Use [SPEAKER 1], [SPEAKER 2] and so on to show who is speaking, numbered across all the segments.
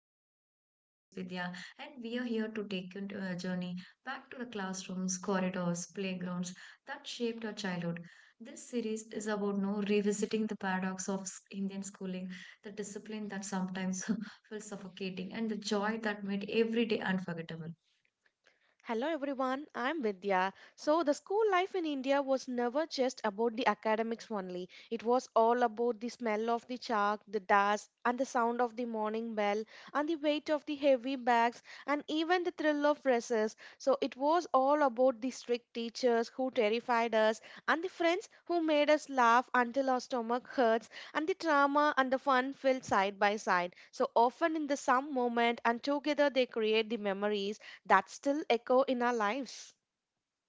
[SPEAKER 1] along with my co host Vidya, and we are here to take you into a journey back to the classrooms, corridors, playgrounds that shaped our childhood. This series is about no revisiting the paradox of Indian schooling, the discipline that sometimes feels suffocating, and the joy that made every day unforgettable.
[SPEAKER 2] Hello everyone, I'm Vidya. So, the school life in India was never just about the academics only. It was all about the smell of the chalk, the dust, and the sound of the morning bell, and the weight of the heavy bags, and even the thrill of recess. So, it was all about the strict teachers who terrified us, and the friends who made us laugh until our stomach hurts, and the drama and the fun filled side by side. So, often in the some moment, and together they create the memories that still echo in our lives.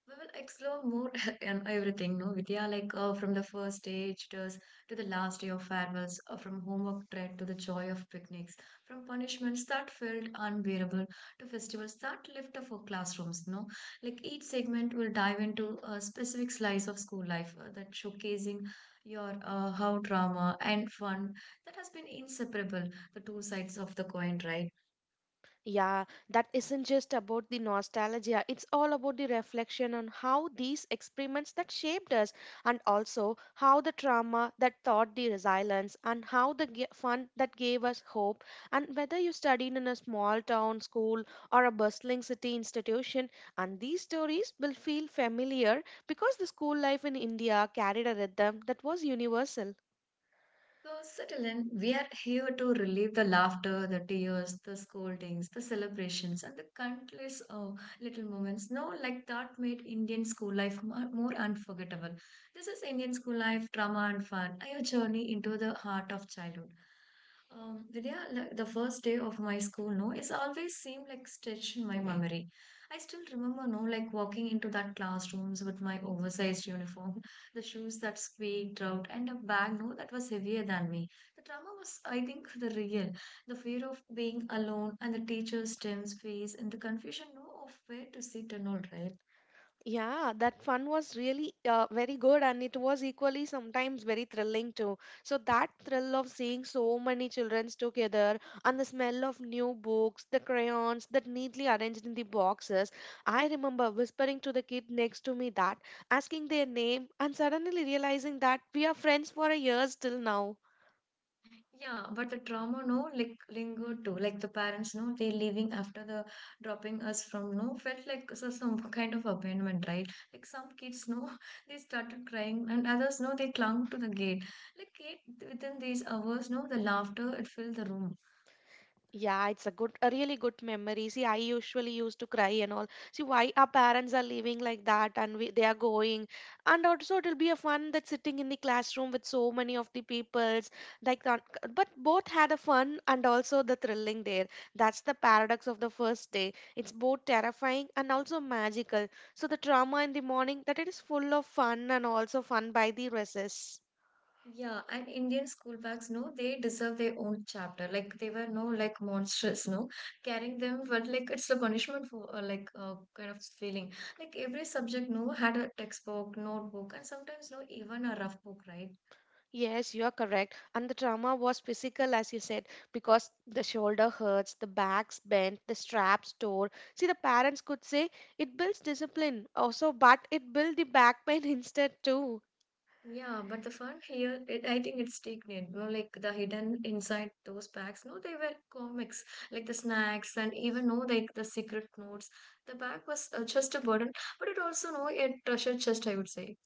[SPEAKER 1] We will explore more on everything, no, Vidya, like from the first day visitors to the last day of farewells, from homework dread to the joy of picnics, from punishments that felt unbearable to festivals that lift up for classrooms, no? Like each segment will dive into a specific slice of school life that showcasing your how drama and fun that has been inseparable, the two sides of the coin, right?
[SPEAKER 2] Yeah, that isn't just about the nostalgia. It's all about the reflection on how these experiments that shaped us, and also how the trauma that taught the resilience, and how the fun that gave us hope. And whether you studied in a small town school or a bustling city institution, and these stories will feel familiar because the school life in India carried a rhythm that was universal.
[SPEAKER 1] So, settle in, we are here to relive the laughter, the tears, the scoldings, the celebrations, and the countless little moments. No, like that made Indian school life more unforgettable. This is Indian school life, drama and fun, a journey into the heart of childhood. Vidya, like, the first day of my school, no, it's always seemed like stretched in my memory. I still remember, no, like walking into that classrooms with my oversized uniform, the shoes that squeaked out, and a bag no, that was heavier than me. The trauma was, I think, the real. The fear of being alone and the teacher's Tim's face and the confusion no, of where to sit and all, right?
[SPEAKER 2] Yeah, that fun was really very good, and it was equally sometimes very thrilling too. So that thrill of seeing so many children together, and the smell of new books, the crayons that neatly arranged in the boxes. I remember whispering to the kid next to me that, asking their name, and suddenly realizing that we are friends for a year till now.
[SPEAKER 1] Yeah, but the trauma no like lingered too. Like the parents no, they leaving after the dropping us from no felt like so, some kind of abandonment, right? Like some kids no, they started crying and others no, they clung to the gate. Like it, within these hours no, the laughter it filled the room.
[SPEAKER 2] Yeah, it's a good, a really good memory. See, I usually used to cry and all. See, why our parents are living like that and we, they are going. And also, it'll be a fun that sitting in the classroom with so many of the peoples. Like, but both had a fun and also the thrilling there. That's the paradox of the first day. It's both terrifying and also magical. So the drama in the morning that it is full of fun and also fun by the recess.
[SPEAKER 1] Yeah, and Indian school bags, no, they deserve their own chapter. Like they were no like monstrous, no. Carrying them, but like it's a punishment for like kind of feeling. Like every subject, no, had a textbook, notebook, and sometimes no even a rough book, right?
[SPEAKER 2] Yes, you are correct. And the trauma was physical, as you said, because the shoulder hurts, the back's bent, the straps tore. See, the parents could say it builds discipline also, but it built the back pain instead too.
[SPEAKER 1] Yeah, but the fun here, it, I think it's taken. No, like the hidden inside those bags, no, they were comics, like the snacks, and even no like the secret notes. The bag was just a burden, but it also no, it treasure chest, I would say.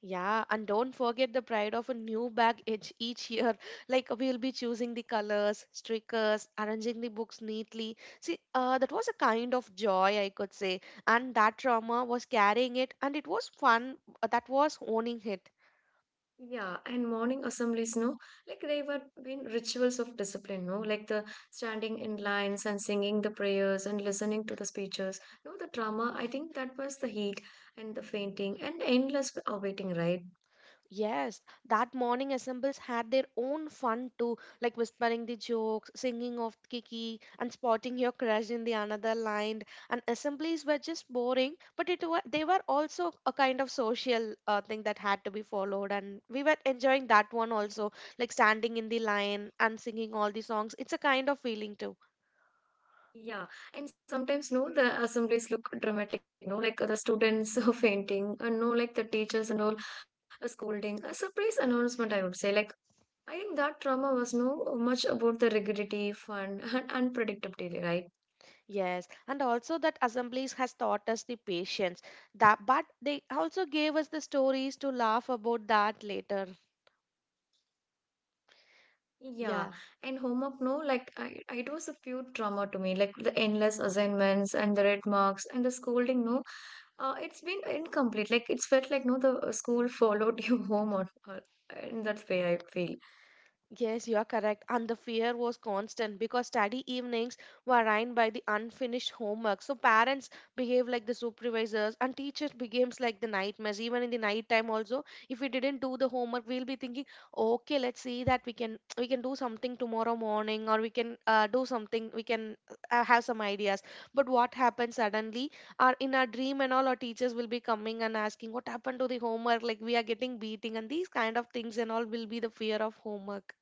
[SPEAKER 2] Yeah, and don't forget the pride of a new bag each year. Like we'll be choosing the colors, stickers, arranging the books neatly. See, that was a kind of joy, I could say. And that trauma was carrying it, and it was fun. That was owning it.
[SPEAKER 1] Yeah, and morning assemblies, no, like they were been rituals of discipline, no, like the standing in lines and singing the prayers and listening to the speeches. No, the drama, I think that was the heat and the fainting and endless awaiting, right?
[SPEAKER 2] Yes, that morning assembles had their own fun too, like whispering the jokes, singing of Kiki, and spotting your crush in the another line. And assemblies were just boring, but they were also a kind of social thing that had to be followed. And we were enjoying that one also, like standing in the line and singing all the songs. It's a kind of feeling too.
[SPEAKER 1] Yeah, and sometimes, no, the assemblies look dramatic, no, like the students are fainting, and no, like the teachers and all scolding, a surprise announcement, I would say. Like, I think that drama was no much about the rigidity, fun, and unpredictability, right?
[SPEAKER 2] Yes, and also that assemblies has taught us the patience. That, but they also gave us the stories to laugh about that later.
[SPEAKER 1] Yeah,
[SPEAKER 2] Yeah.
[SPEAKER 1] and homework, no, like it was a pure trauma to me, like the endless assignments and the red marks and the scolding, no, it's been incomplete. Like it's felt like no, the school followed you home or in that way I feel.
[SPEAKER 2] Yes, you are correct. And the fear was constant because study evenings were ruined by the unfinished homework. So parents behave like the supervisors and teachers becomes like the nightmares. Even in the night time also, if we didn't do the homework, we'll be thinking, okay, let's see that we can do something tomorrow morning or we can do something, we can have some ideas. But what happens suddenly? Our in our dream and all, our teachers will be coming and asking, what happened to the homework? Like we are getting beating and these kind of things and all will be the fear of homework.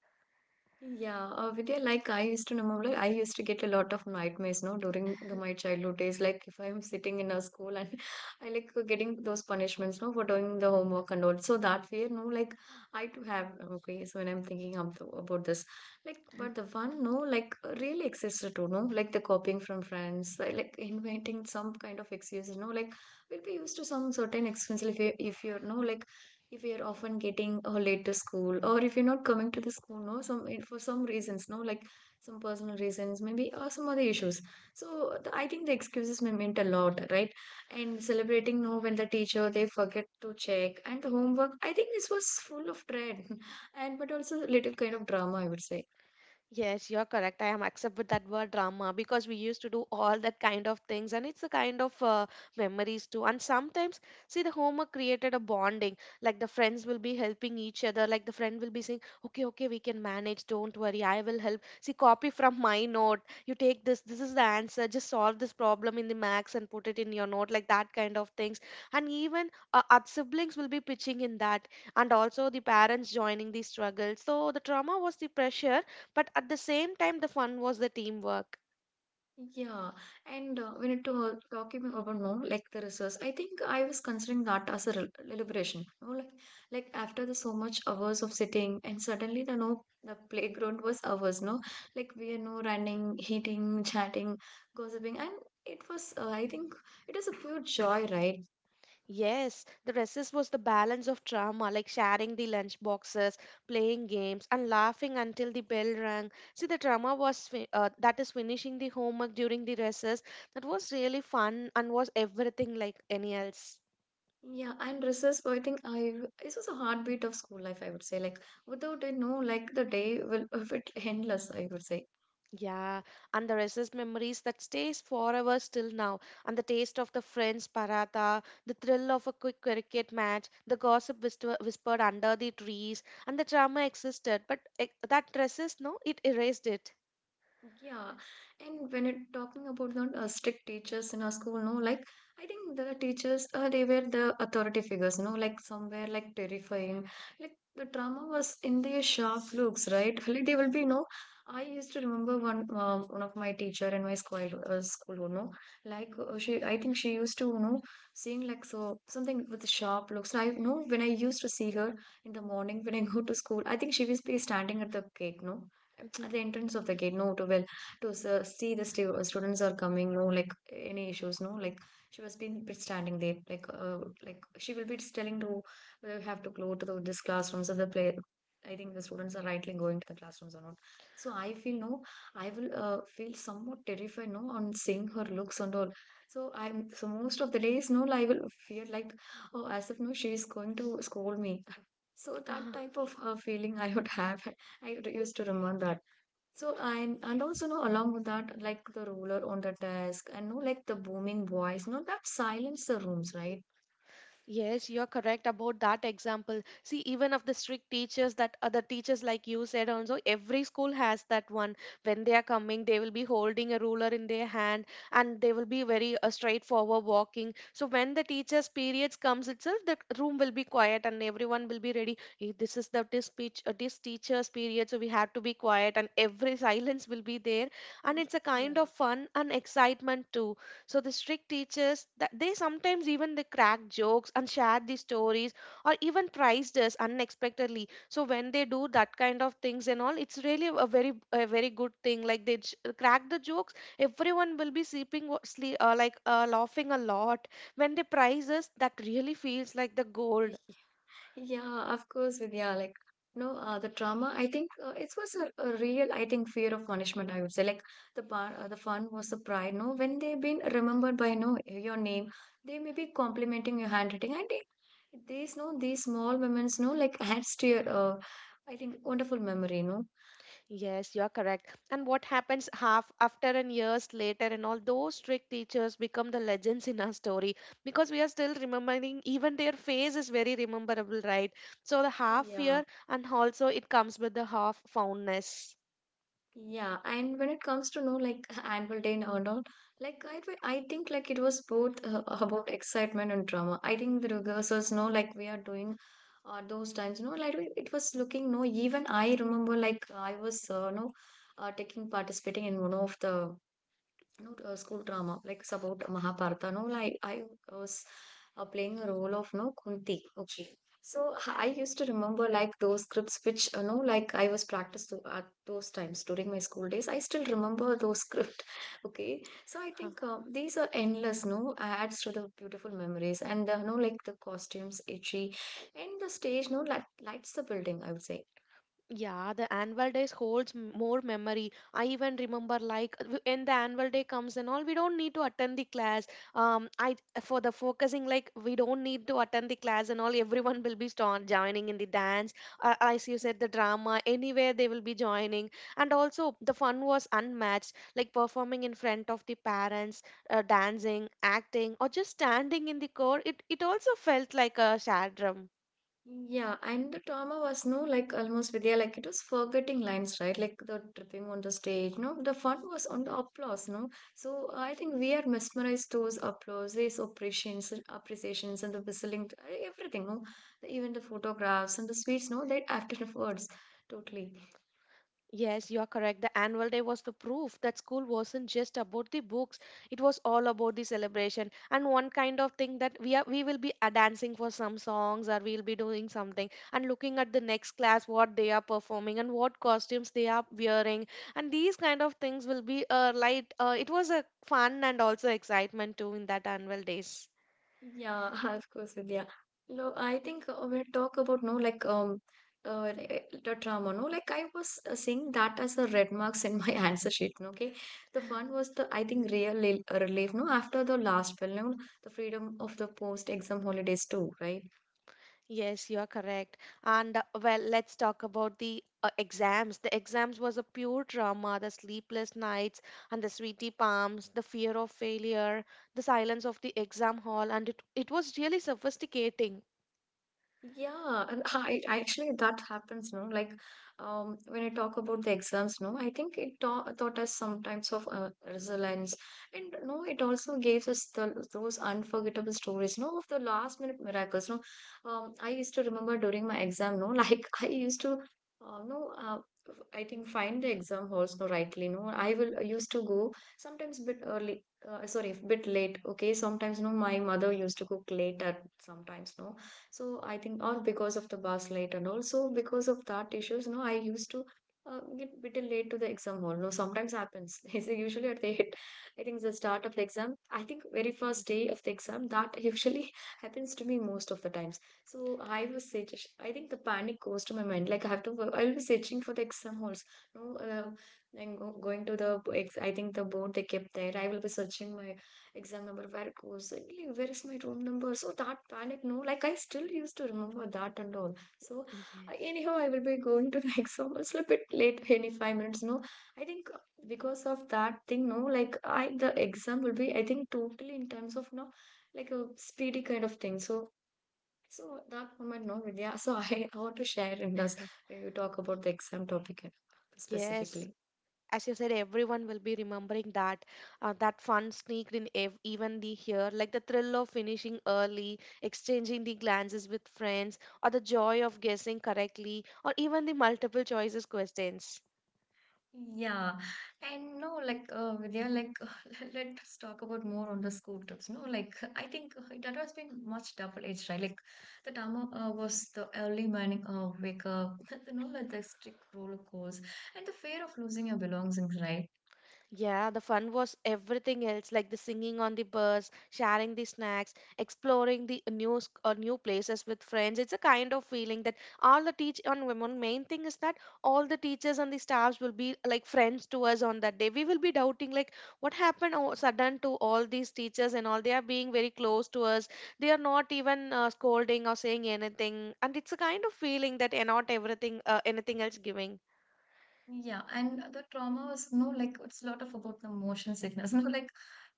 [SPEAKER 1] Yeah, Vidya, like I used to remember, like, I used to get a lot of nightmares, no, during the, my childhood days. Like if I'm sitting in a school and I like getting those punishments, no, for doing the homework and all. So that fear, no, like I too have. Okay, so when I'm thinking about this, like, but the one, no, like really existed too, no, like the copying from friends, like inventing some kind of excuses, no, like we will be used to some certain excuses if you're no like if you're often getting late to school or if you're not coming to the school no for some reasons no like some personal reasons maybe or some other issues so the, I think the excuses may mean a lot, right? And celebrating no when the teacher they forget to check and the homework, I think this was full of dread and but also little kind of drama, I would say.
[SPEAKER 2] Yes, you're correct. I am accept with that word drama because we used to do all that kind of things, and it's a kind of memories too. And sometimes, see, the homework created a bonding. Like the friends will be helping each other. Like the friend will be saying, "Okay, okay, we can manage. Don't worry, I will help." See, copy from my note. You take this. This is the answer. Just solve this problem in the max and put it in your note. Like that kind of things. And even our siblings will be pitching in that, and also the parents joining the struggle. So the trauma was the pressure but at the same time, the fun was the teamwork.
[SPEAKER 1] Yeah, and when it talking about no, like the research, I think I was considering that as a re liberation. You know, like after the so much hours of sitting, and suddenly the no, the playground was ours. No, like we are no running, eating, chatting, gossiping, and it was. I think it is a pure joy, right?
[SPEAKER 2] Yes, the recess was the balance of drama, like sharing the lunch boxes, playing games, and laughing until the bell rang. See, the drama was that is finishing the homework during the recess. That was really fun and was everything like any else.
[SPEAKER 1] Yeah, and research. I think I this was a heartbeat of school life. I would say, like without it, no, like the day will if it endless. I would say.
[SPEAKER 2] Yeah, and the restless memories that stays forever still now, and the taste of the friends paratha, the thrill of a quick cricket match, the gossip whisper, whispered under the trees, and the drama existed, but that resist, no, it erased it.
[SPEAKER 1] Yeah, and when it talking about not strict teachers in our school, no, like I think the teachers they were the authority figures, no, like somewhere like terrifying, like the drama was in their sharp looks, right? Like they will be, no. I used to remember one one of my teacher in my school school, you know, like she I think she used to, you know, seeing like so something with sharp looks. I know when I used to see her in the morning when I go to school, I think she was be standing at the gate, no
[SPEAKER 2] Mhm.
[SPEAKER 1] at the entrance of the gate no to well to see the students are coming no like any issues no like she was been standing there like she will be telling to we have to go to the, this classrooms of the play I think the students are rightly going to the classrooms or not. So I feel no, I will feel somewhat terrified no on seeing her looks and all. So I'm most of the days no, I will feel like oh as if no she is going to scold me. So that type of feeling I would have. Used to remember that. So and also no along with that like the roller on the desk and no like the booming voice no that silence the rooms, right?
[SPEAKER 2] Yes, you're correct about that example. See, even of the strict teachers that other teachers, like you said, also every school has that one. When they are coming, they will be holding a ruler in their hand and they will be very straightforward walking. So when the teacher's periods comes itself, the room will be quiet and everyone will be ready. "Hey, this is the this speech, this teacher's period, so we have to be quiet and every silence will be there. And it's a
[SPEAKER 1] Yeah.
[SPEAKER 2] kind of fun and excitement too so the strict teachers that they sometimes even they crack jokes and share the stories or even praised us unexpectedly. So when they do that kind of things and all, it's really a very good thing. Like they crack the jokes, everyone will be like laughing a lot. When they praise us, that really feels like the gold.
[SPEAKER 1] Yeah, of course, Vidya, like no the trauma I think it was a real I think fear of punishment I would say like the bar the fun was the pride no when they've been remembered by no your name, they may be complimenting your handwriting and it, these no these small moments no like adds to your I think wonderful memory no.
[SPEAKER 2] Yes, you are correct. And what happens half after and years later, and all those strict teachers become the legends in our story because we are still remembering, even their face is very rememberable, right? So the half
[SPEAKER 1] Yeah.
[SPEAKER 2] fear and also it comes with the half fondness.
[SPEAKER 1] Yeah, and when it comes to know like annual day and all, like I think like it was both about excitement and drama. I think the rehearsals, no, like we are doing those times, you know, like it was looking no. Even I remember like I was no taking participating in one of the you know, school drama, like about Mahabharata. No, like I was playing a role of no Kunti. Okay, so I used to remember like those scripts, which you know, like I was practiced to, at those times during my school days. I still remember those script. Okay, so I
[SPEAKER 2] Huh.
[SPEAKER 1] think these are endless. No, adds to the beautiful memories and no, like the costumes, itchy, and the stage. No, light, lights the building. I would say.
[SPEAKER 2] Yeah, the annual days holds more memory. I even remember like when the annual day comes and all, we don't need to attend the class. I for the focusing like we don't need to attend the class and all. Everyone will be start joining in the dance. As you said, the drama anywhere they will be joining. And also the fun was unmatched, like performing in front of the parents, dancing, acting, or just standing in the core. It also felt like a shared drum.
[SPEAKER 1] Yeah, and the trauma was no like almost with yeah, like it was forgetting lines, right? Like the tripping on the stage, no, the fun was on the applause, no. So I think we are mesmerized those applauses, appreciations, and the whistling, everything, no, even the photographs and the sweets, no, that afterwards, totally.
[SPEAKER 2] Yes, you are correct. The annual day was the proof that school wasn't just about the books. It was all about the celebration. And one kind of thing that we will be dancing for some songs or we'll be doing something and looking at the next class what they are performing and what costumes they are wearing. And these kind of things will be light it was a fun and also excitement too in that annual days.
[SPEAKER 1] Yeah, of course, Vidya. No, I think we talk about no like re- the trauma. No, like I was seeing that as a red marks in my answer sheet. No, okay, the fun was the I think relief. No, after the last film, no, the freedom of the post exam holidays too, right?
[SPEAKER 2] Yes, you are correct. And well, let's talk about the exams. The exams was a pure drama, the sleepless nights and the sweaty palms, the fear of failure, the silence of the exam hall, and it was really sophisticating.
[SPEAKER 1] Yeah, and actually that happens, no? Like, when I talk about the exams, no, I think it ta taught us sometimes of resilience, and no, it also gives us the those unforgettable stories, no, of the last minute miracles, no. I used to remember during my exam, no, like I used to, no, uh, I think find the exam halls, no, rightly, no. I used to go sometimes bit early, sorry, bit late. Okay, sometimes no, my mother used to cook late at sometimes, no so I think all because of the bus late and also because of that issues, no, I used to get bit late to the exam hall. No, sometimes happens. It's usually at the eight. I think the start of the exam. I think very first day of the exam that usually happens to me most of the times. So I was searching. I think the panic goes to my mind. Like I have to. I'll be searching for the exam halls. No, and going to the I think the board they kept there. I will be searching my exam number where it goes really where is my room number, so that panic no like I still used to remember that and all so
[SPEAKER 2] Yes.
[SPEAKER 1] anyhow I will be going to the exam, it's a bit late any 5 minutes no I think because of that thing no like I the exam will be I think totally in terms of no like a speedy kind of thing so that moment no yeah so I want to share in this when you talk about the exam topic and
[SPEAKER 2] Yes.
[SPEAKER 1] specifically.
[SPEAKER 2] As you said, everyone will be remembering that. That fun sneaked in even the here, like the thrill of finishing early, exchanging the glances with friends, or the joy of guessing correctly, or even the multiple choices questions.
[SPEAKER 1] Yeah, and no, like Vidya, like let us talk about more on the school trips. No, like I think that has been much double-edged, right? Like the Tama was the early morning wake up, you know, like the strict roller course, and the fear of losing your belongings, right?
[SPEAKER 2] Yeah, the fun was everything else, like the singing on the bus, sharing the snacks, exploring the new places with friends. It's a kind of feeling that all the teach on women. Main thing is that all the teachers and the staffs will be like friends to us on that day. We will be doubting like what happened all sudden to all these teachers and all. They are being very close to us. They are not even scolding or saying anything, and it's a kind of feeling that not everything anything else giving.
[SPEAKER 1] Yeah, and the trauma was no like it's a lot of about the motion sickness, no like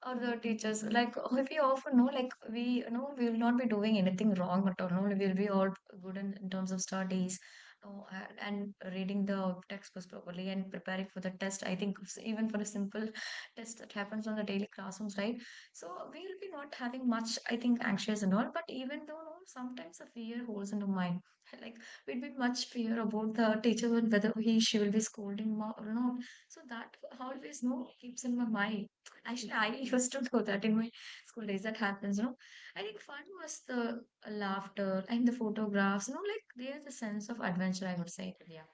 [SPEAKER 1] or the teachers like we often know like we you know we will not be doing anything wrong at all. No, we will be all good in terms of studies, no, and reading the textbooks properly and preparing for the test. I think it's even for a simple test that happens on the daily classrooms, right? So we will be not having much, I think, anxious and all. But even though no, sometimes the fear holds in the mind. Like we'd be much fear about the teacher and whether he she will be scolding or not. So that always you know keeps in my mind. Actually, I used to do that in my school days. That happens, you know. I think fun was the laughter and the photographs, you know, like there's a sense of adventure. I would say, yeah.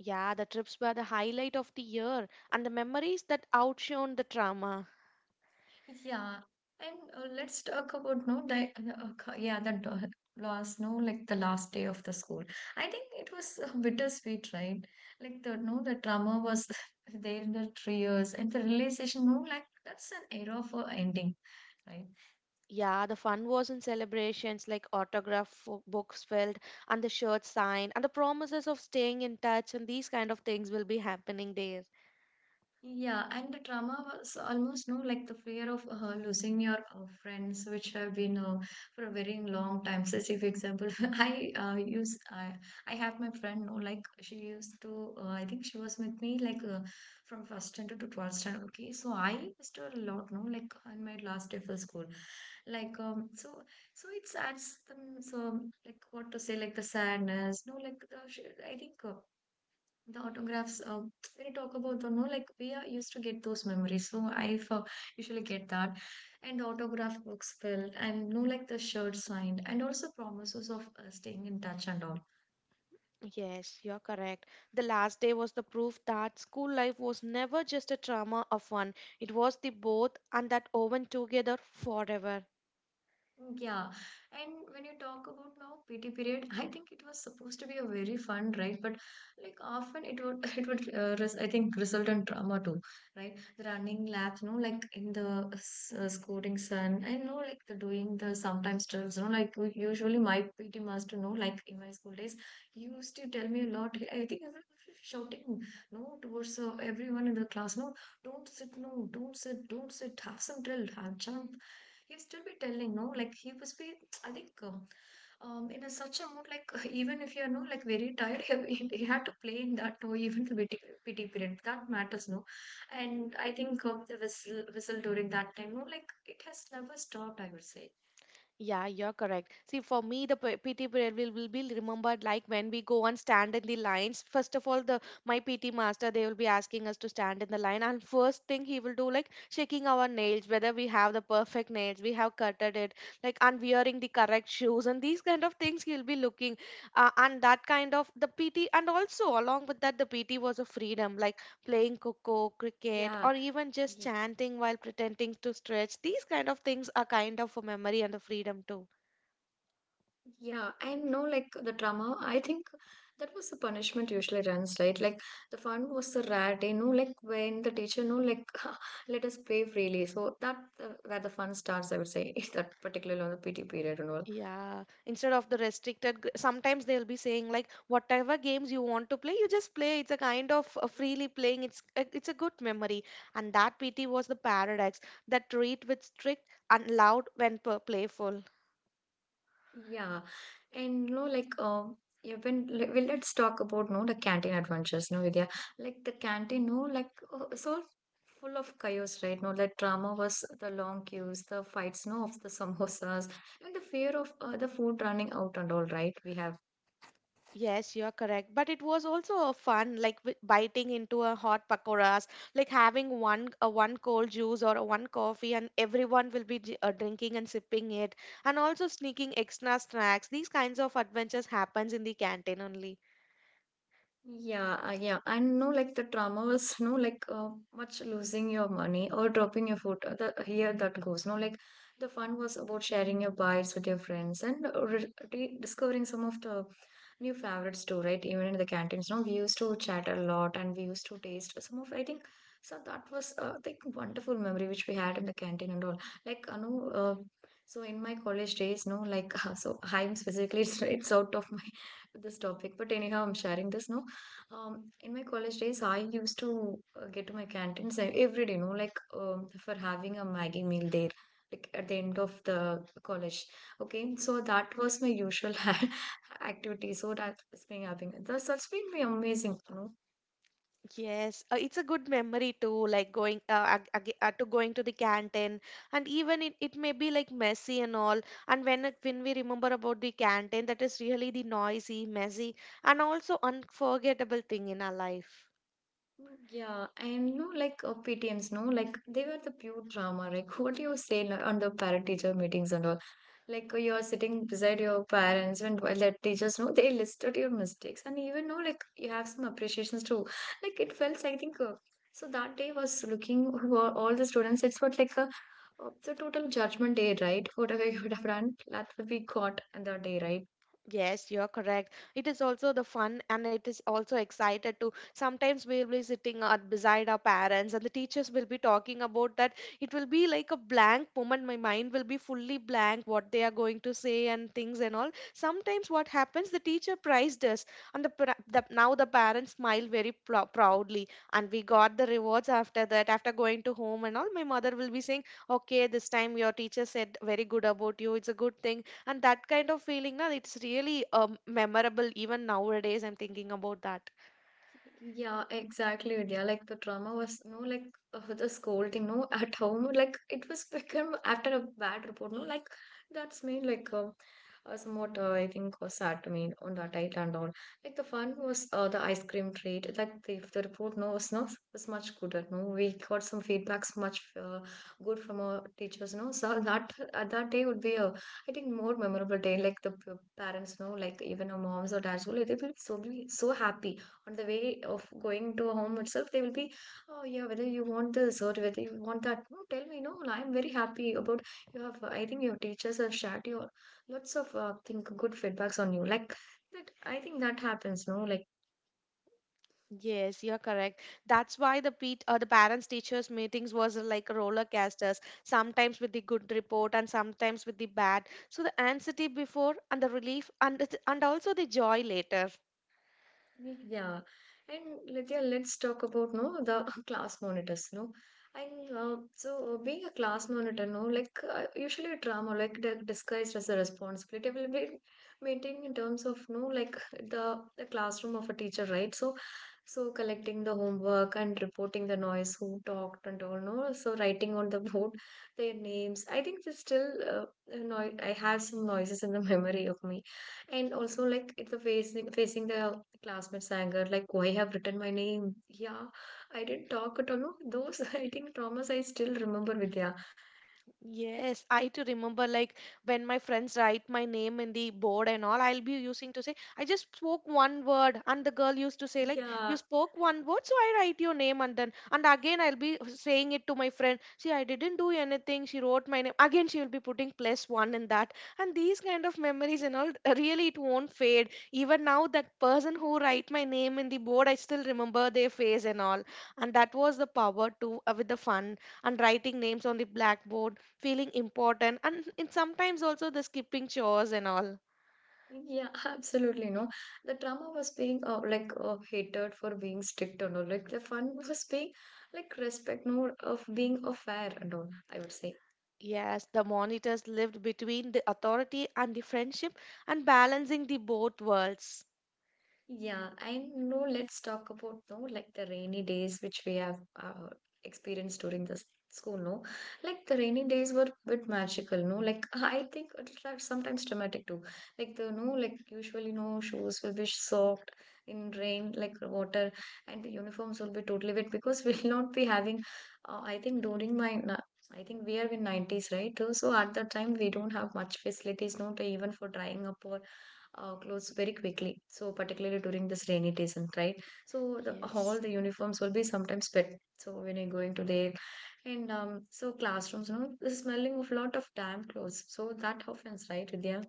[SPEAKER 2] Yeah, the trips were the highlight of the year and the memories that outshone the trauma.
[SPEAKER 1] Yeah, and let's talk about no that okay, yeah the last no like the last day of the school. I think it was bittersweet, right? Like the no the drama was there in the 3 years, and the realization no like that's an era for ending, right?
[SPEAKER 2] Yeah, the fun was in celebrations like autograph books filled and the shirts signed and the promises of staying in touch and these kind of things will be happening there.
[SPEAKER 1] Yeah, and the trauma was almost no like the fear of losing your friends, which have been for a very long time. So, say for example, I I have my friend, no, like she used to. I think she was with me like from first standard to twelfth standard. Okay, so I missed her a lot, no, like on my last day for school, like so it adds them so like what to say like the sadness, no, like the I think. The autographs when you talk about the no like we are used to get those memories so I for, usually get that and the autograph books filled and no like the shirt signed and also promises of staying in touch and all.
[SPEAKER 2] Yes, you're correct. The last day was the proof that school life was never just a trauma of fun. It was the both and that woven together forever.
[SPEAKER 1] Yeah, and when you talk about now PT period, I think it was supposed to be a very fun, right? But like often it would it would res I think result in drama too, right? The running laps, you know, like in the scoring sun, I know like the doing the sometimes drills, you know, like usually my PT master, know, like in my school days, he used to tell me a lot. I think I was shouting, no, towards everyone in the class, no, don't sit, no, don't sit, have some drill, have jump. He will still be telling no like he was be I think in a such a mood like even if you're no like very tired, he had to play in that no even the pity period that matters no and I think the whistle during that time no like it has never stopped, I would say.
[SPEAKER 2] Yeah, you're correct. See, for me, the PT period will be remembered like when we go and stand in the lines. First of all, the my PT master they will be asking us to stand in the line, and first thing he will do like checking our nails, whether we have the perfect nails, we have cutted it, like and wearing the correct shoes, and these kind of things he'll be looking, and that kind of the PT, and also along with that the PT was a freedom. Like playing coco, cricket, or
[SPEAKER 1] Yeah.
[SPEAKER 2] even just chanting while pretending to stretch. These kind of things are kind of a memory and the freedom too.
[SPEAKER 1] Yeah, I know like the drama. I think that was the punishment usually runs, right? Like the fun was the rare day, no, like when the teacher, no, like let us play freely. So that where the fun starts, I would say, is that particularly on the PT period and all.
[SPEAKER 2] Yeah, instead of the restricted, sometimes they'll be saying like whatever games you want to play, you just play. It's a kind of freely playing. It's a good memory, and that PT was the paradox that treat with strict and loud when playful.
[SPEAKER 1] Yeah, and no, like yeah, when well, let's talk about no the canteen adventures, no Vidya. Like the canteen, no, like so full of chaos, right? No, that drama was the long queues, the fights, no, of the samosas, and the fear of the food running out and all, right? We have.
[SPEAKER 2] Yes, you are correct. But it was also a fun, like biting into a hot pakoras, like having one cold juice or a one coffee, and everyone will be drinking and sipping it, and also sneaking extra snacks. These kinds of adventures happens in the canteen only.
[SPEAKER 1] Yeah, yeah, and no, like the trauma was no, like much losing your money or dropping your food. The, here that goes, no, like the fun was about sharing your bites with your friends and discovering some of the new favorites too, right? Even in the canteens, no, we used to chat a lot and we used to taste some of. I think so that was like wonderful memory which we had in the canteen and all. Like, no, so in my college days, no, like so I'm specifically it's out of my this topic, but anyhow, I'm sharing this now. In my college days, I used to get to my canteens every day, you know, like for having a Maggie meal there, like at the end of the college. Okay, so that was my usual activity. So that's been happening. That's been be amazing, you know.
[SPEAKER 2] Yes, it's a good memory too, like going to the canteen, and even it may be like messy and all. And when we remember about the canteen, that is really the noisy, messy, and also unforgettable thing in our life.
[SPEAKER 1] Yeah, and you know, like PTMs, no, like they were the pure drama. Like, what do you say like, on the parent teacher meetings and all? Like you're sitting beside your parents and while their teachers know they listed your mistakes and even know like you have some appreciations too, like it felt I think so that day was looking who are all the students, it's what like a the total judgment day right, whatever you would have done that would be caught on that day, right?
[SPEAKER 2] Yes, you're correct. It is also the fun and it is also excited too. Sometimes we'll be sitting at beside our parents and the teachers will be talking about that. It will be like a blank moment. My mind will be fully blank what they are going to say and things and all. Sometimes what happens, the teacher praised us and the, pra- the now the parents smile very proudly and we got the rewards after that. After going to home and all, my mother will be saying, okay, this time your teacher said very good about you. It's a good thing and that kind of feeling na, it's really memorable even nowadays I'm thinking about that.
[SPEAKER 1] Yeah, exactly. Yeah. Like the trauma was no like the scolding, no at home. Like it was become after a bad report, no like that's me like somewhat I think was sad to me on that night and all. Like the fun was the ice cream treat. Like the, if the report no was not was much good at no. We got some feedbacks much good from our teachers, no. So that that day would be a I think more memorable day. Like the parents, no, like even our moms or dads will they will be so happy on the way of going to a home itself they will be, oh yeah, whether you want this or whether you want that no tell me no I'm very happy about, you have I think your teachers have shared you lots of think good feedbacks on you like that, I think that happens no like.
[SPEAKER 2] Yes, you're correct. That's why the pet the parents teachers meetings was like roller casters, sometimes with the good report and sometimes with the bad, so the anxiety before and the relief and also the joy later.
[SPEAKER 1] Yeah, and let's yeah let's talk about no the class monitors, no, and being a class monitor, no, like usually a drama, like they're disguised as a responsibility will be maintained in terms of no, like the classroom of a teacher, right? So, so collecting the homework and reporting the noise, who talked and all, no, so writing on the board their names. I think there's still a noi I have some noises in the memory of me, and also like it's the facing the Classmates' anger, like, why have written my name? Yeah, I didn't talk at all. No, those, I think, traumas I still remember, Vidya.
[SPEAKER 2] Yes, I too remember like when my friends write my name in the board and all, I'll be using to say, I just spoke one word, and the girl used to say, like,
[SPEAKER 1] Yeah,
[SPEAKER 2] you spoke one word, so I write your name, and then, and again, I'll be saying it to my friend, see, I didn't do anything, she wrote my name. Again, she will be putting plus one in that. And these kind of memories and all, really, it won't fade. Even now, that person who write my name in the board, I still remember their face and all. And that was the power too, with the fun and writing names on the blackboard, feeling important, and sometimes also the skipping chores and all.
[SPEAKER 1] yeah, absolutely. No, the trauma was being like hated for being strict and all. Like, the fun was being like respect, no, of being a fair and all, I would say.
[SPEAKER 2] Yes, the monitors lived between the authority and the friendship and balancing the both worlds.
[SPEAKER 1] Yeah, and you know. Let's talk about no like the rainy days which we have experienced during the school. No, like the rainy days were bit magical. No, like I think it's like sometimes dramatic too. Like the no, like usually no shoes will be soaked in rain, like water, and the uniforms will be totally wet because we'll not be having. I think during my I think we are in 90s, right? So at that time we don't have much facilities, not even for drying up or clothes very quickly. So particularly during this rainy season, right? So the
[SPEAKER 2] Yes.
[SPEAKER 1] all the uniforms will be sometimes wet. So when you're going to the and so classrooms, you know, the smelling of lot of damp clothes. So that happens, right, Vidya?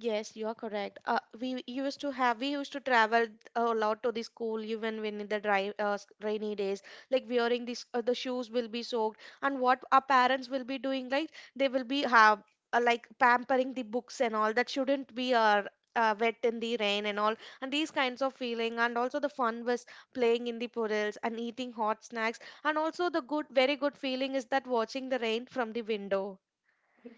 [SPEAKER 2] Yes, you are correct. We used to travel a lot to the school even when in the dry, rainy days. Like wearing these, the shoes will be soaked, and what our parents will be doing, like they will be have like pampering the books and all that shouldn't be wet in the rain and all, and these kinds of feeling, and also the fun was playing in the puddles and eating hot snacks, and also the good, very good feeling is that watching the rain from the window.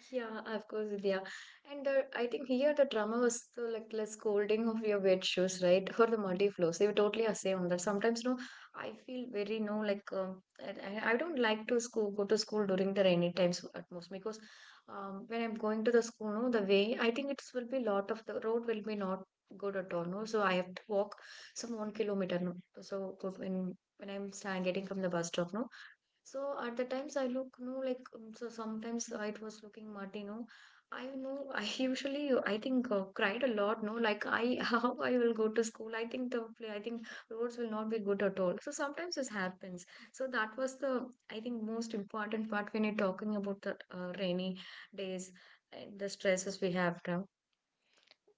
[SPEAKER 1] Yeah, of course, Vidya. And I think here the drama was the like less scolding of your wet shoes, right? Or the muddy floors. You totally say on that. Sometimes, no, I feel very no like and I don't like to school go to school during the rainy times at most because when I'm going to the school, no, the way I think it will be lot of the road will be not good at all. No, so I have to walk some 1 kilometer. No, so when I'm stand, getting from the bus stop, no. So at the times I look, no, like so sometimes I it was looking muddy, no. I know I usually I think cried a lot, no. Like I how I will go to school. I think the I think roads will not be good at all. So sometimes this happens. So that was the I think most important part when you're talking about the rainy days and the stresses we have now.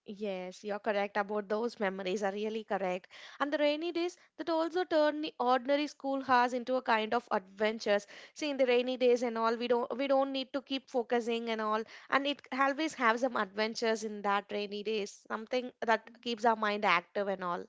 [SPEAKER 2] Yes, you're correct about those memories are really correct. And the rainy days that also turn the ordinary school hours into a kind of adventures. See, in the rainy days and all, we don't need to keep focusing and all, and it always have some adventures in that rainy days. Something that keeps our mind active and all.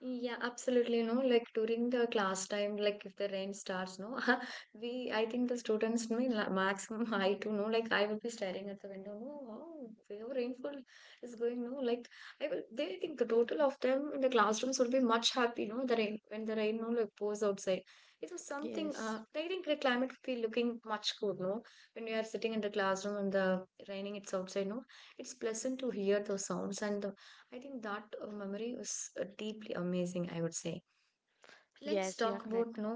[SPEAKER 1] Yeah, absolutely. No, like during the class time, like if the rain starts, no, we, I think the students, no, in maximum I too, no, like I will be staring at the window, no, wow, how rainfall is going, no, like I will, they think the total of them in the classrooms will be much happy, no, the rain, when the rain, no, like pours outside. It was something,
[SPEAKER 2] Yes,
[SPEAKER 1] I think the climate will be looking much good, no, when we are sitting in the classroom and the raining, it's outside, no, it's pleasant to hear those sounds and the. I think that memory was deeply amazing, I would say. Let's
[SPEAKER 2] yes, you're
[SPEAKER 1] talk about
[SPEAKER 2] correct.
[SPEAKER 1] no,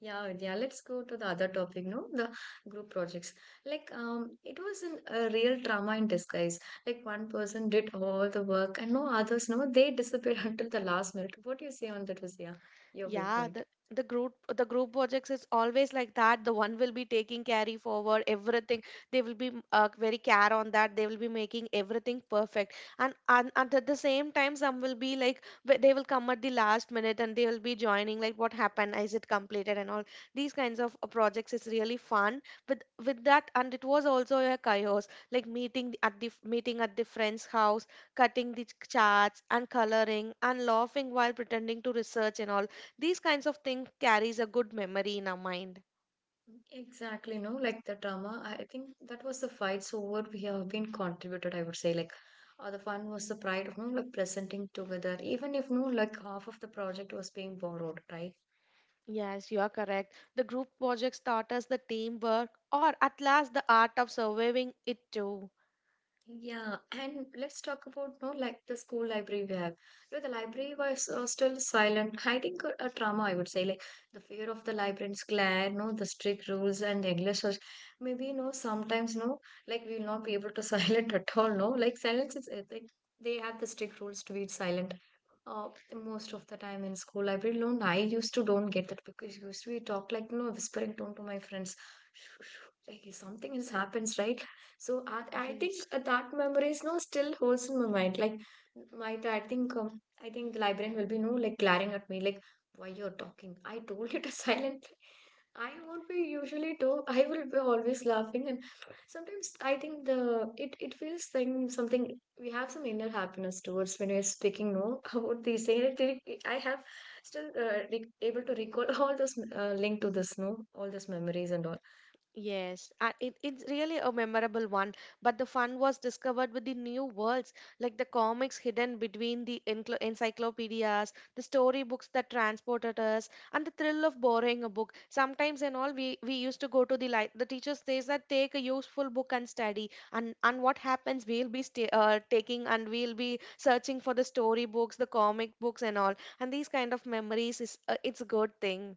[SPEAKER 1] yeah, yeah. Let's go to the other topic, no, the group projects. Like, it was an, a real drama in disguise. Like, one person did all the work, and no others, no, they disappeared until the last minute. What do you say on that, Visaya? Your
[SPEAKER 2] Yeah,
[SPEAKER 1] viewpoint.
[SPEAKER 2] the group projects is always like that. The one will be taking carry forward everything. They will be very care on that. They will be making everything perfect. And, and at the same time, some will be like they will come at the last minute and they will be joining like what happened, is it completed and all, these kinds of projects is really fun. With that, and it was also a chaos like meeting at the friend's house, cutting the charts and coloring and laughing while pretending to research and all, these kinds of things carries a good memory in our mind.
[SPEAKER 1] Exactly, no, like the drama. I think that was the fights over we have been contributed, I would say. Like, the fun was the pride of, no, like presenting together, even if no, like half of the project was being borrowed, right?
[SPEAKER 2] Yes, you are correct. The group projects taught us the teamwork or at last the art of surviving it too.
[SPEAKER 1] Yeah, and let's talk about no like the school library we have. No, the library was still silent, hiding a trauma. I would say like the fear of the librarian's glare, no, the strict rules and the endless search. Maybe no, sometimes no, like we will not be able to silent at all. No, like silence is like they have the strict rules to be silent. Most of the time in school library, no, I used to don't get that because used to be talk like no whispering tone to my friends. Like if something else happens, right? So I think
[SPEAKER 2] Yes.
[SPEAKER 1] that memory is no still holds in my mind. Like my I think the librarian will be no like glaring at me like why you're talking. I told you to silently. I won't be usually do. I will be always laughing, and sometimes I think the it feels like something we have some inner happiness towards when we're speaking. No, about these things. I have still able to recall all those link to this. No, all those memories and all.
[SPEAKER 2] Yes, and it's really a memorable one. But the fun was discovered with the new worlds, like the comics hidden between the encyclopedias, the storybooks that transported us, and the thrill of borrowing a book. Sometimes and all, we used to go to the light. The teacher says that take a useful book and study. And what happens? We'll be sta taking and we'll be searching for the storybooks, the comic books, and all. And these kind of memories is it's a good thing.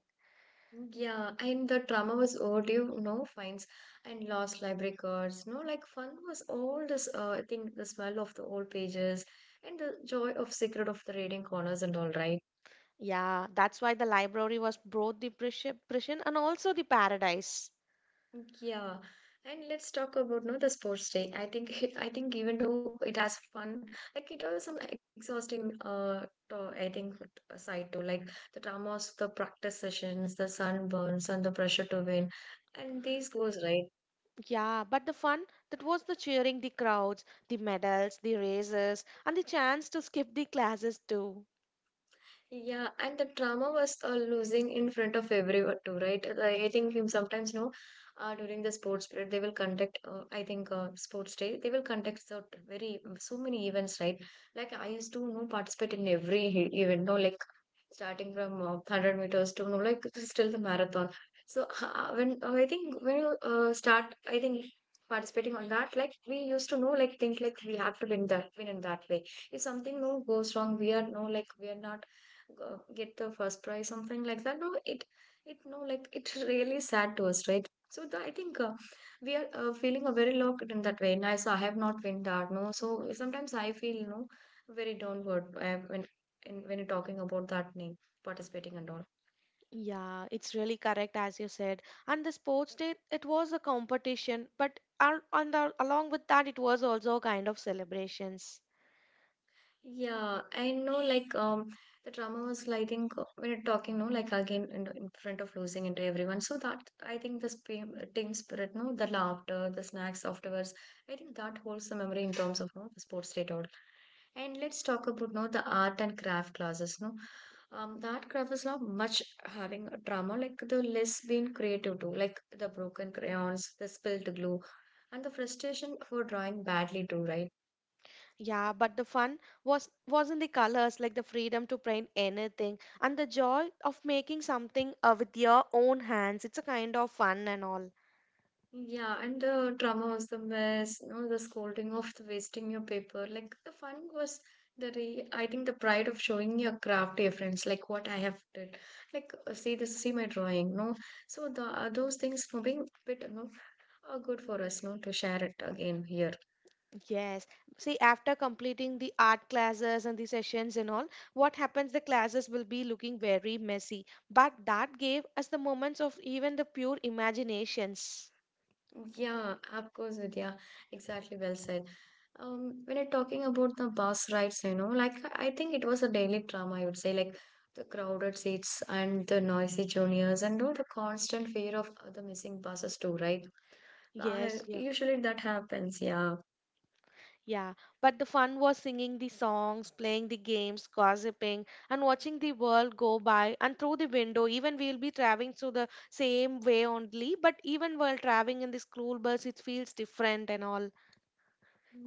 [SPEAKER 1] Yeah, and the drama was overdue, no fines and lost library cards. No, like fun was all this, I think the smell of the old pages and the joy of secret of the reading corners and all, right?
[SPEAKER 2] Yeah, that's why the library was both the prison and also the paradise.
[SPEAKER 1] Yeah, and let's talk about no the sports day. I think I think even though it has fun, like it has some exhausting I think side too, like the dramas, the practice sessions, the sunburns, and the pressure to win, and these goes right.
[SPEAKER 2] Yeah, but the fun that was the cheering, the crowds, the medals, the races, and the chance to skip the classes too.
[SPEAKER 1] Yeah, and the trauma was losing in front of everyone too, right? Like, I think you sometimes know during the sports period they will conduct. I think sports day they will conduct so very so many events, right? Like I used to you know participate in every event, no like starting from 100 meters to you know, like it's still the marathon so when I think when you start I think participating on that like we used to know like think like we have to win that win in that way if something no goes wrong we are no like we are not get the first prize something like that no it no like it really sad to us right so the, I think we are feeling a very locked in that way nice I have not win that no so sometimes I feel you know very downward when in when you're talking about that name participating and all
[SPEAKER 2] Yeah, it's really correct as you said. And the sports day, it was a competition, but along with that, it was also a kind of celebrations.
[SPEAKER 1] yeah I know like the drama was like, I think when you're talking no like again in front of losing into everyone so that I think the team spirit no the laughter the snacks afterwards I think that holds the memory in terms of no, the sports day at all and let's talk about no the art and craft classes no the art craft is not much having a drama like the less being creative too like the broken crayons the spilled glue and the frustration for drawing badly too, right?
[SPEAKER 2] Yeah, but the fun wasn't the colors, like the freedom to paint anything and the joy of making something with your own hands. It's a kind of fun and all.
[SPEAKER 1] Yeah, and the drama was the mess, you know, the scolding of the wasting your paper. Like the fun was the re I think the pride of showing your craft to your friends, like what I have did. Like see this, see my drawing, no. So the those things for being bit, you know, are good for us, no, to share it again here.
[SPEAKER 2] Yes. See, after completing the art classes and the sessions and all, what happens? The classes will be looking very messy, but that gave us the moments of even the pure imaginations.
[SPEAKER 1] Yeah, of course, it, yeah, exactly. Well said. When you're talking about the bus rides, you know, like I think it was a daily drama, I would say, like the crowded seats and the noisy juniors and all the constant fear of the missing buses too, right? I,
[SPEAKER 2] Yes, yeah.
[SPEAKER 1] usually that happens, yeah.
[SPEAKER 2] Yeah, but the fun was singing the songs, playing the games, gossiping, and watching the world go by and through the window. Even we'll be traveling through the same way only, but even while traveling in the school bus, it feels different and all.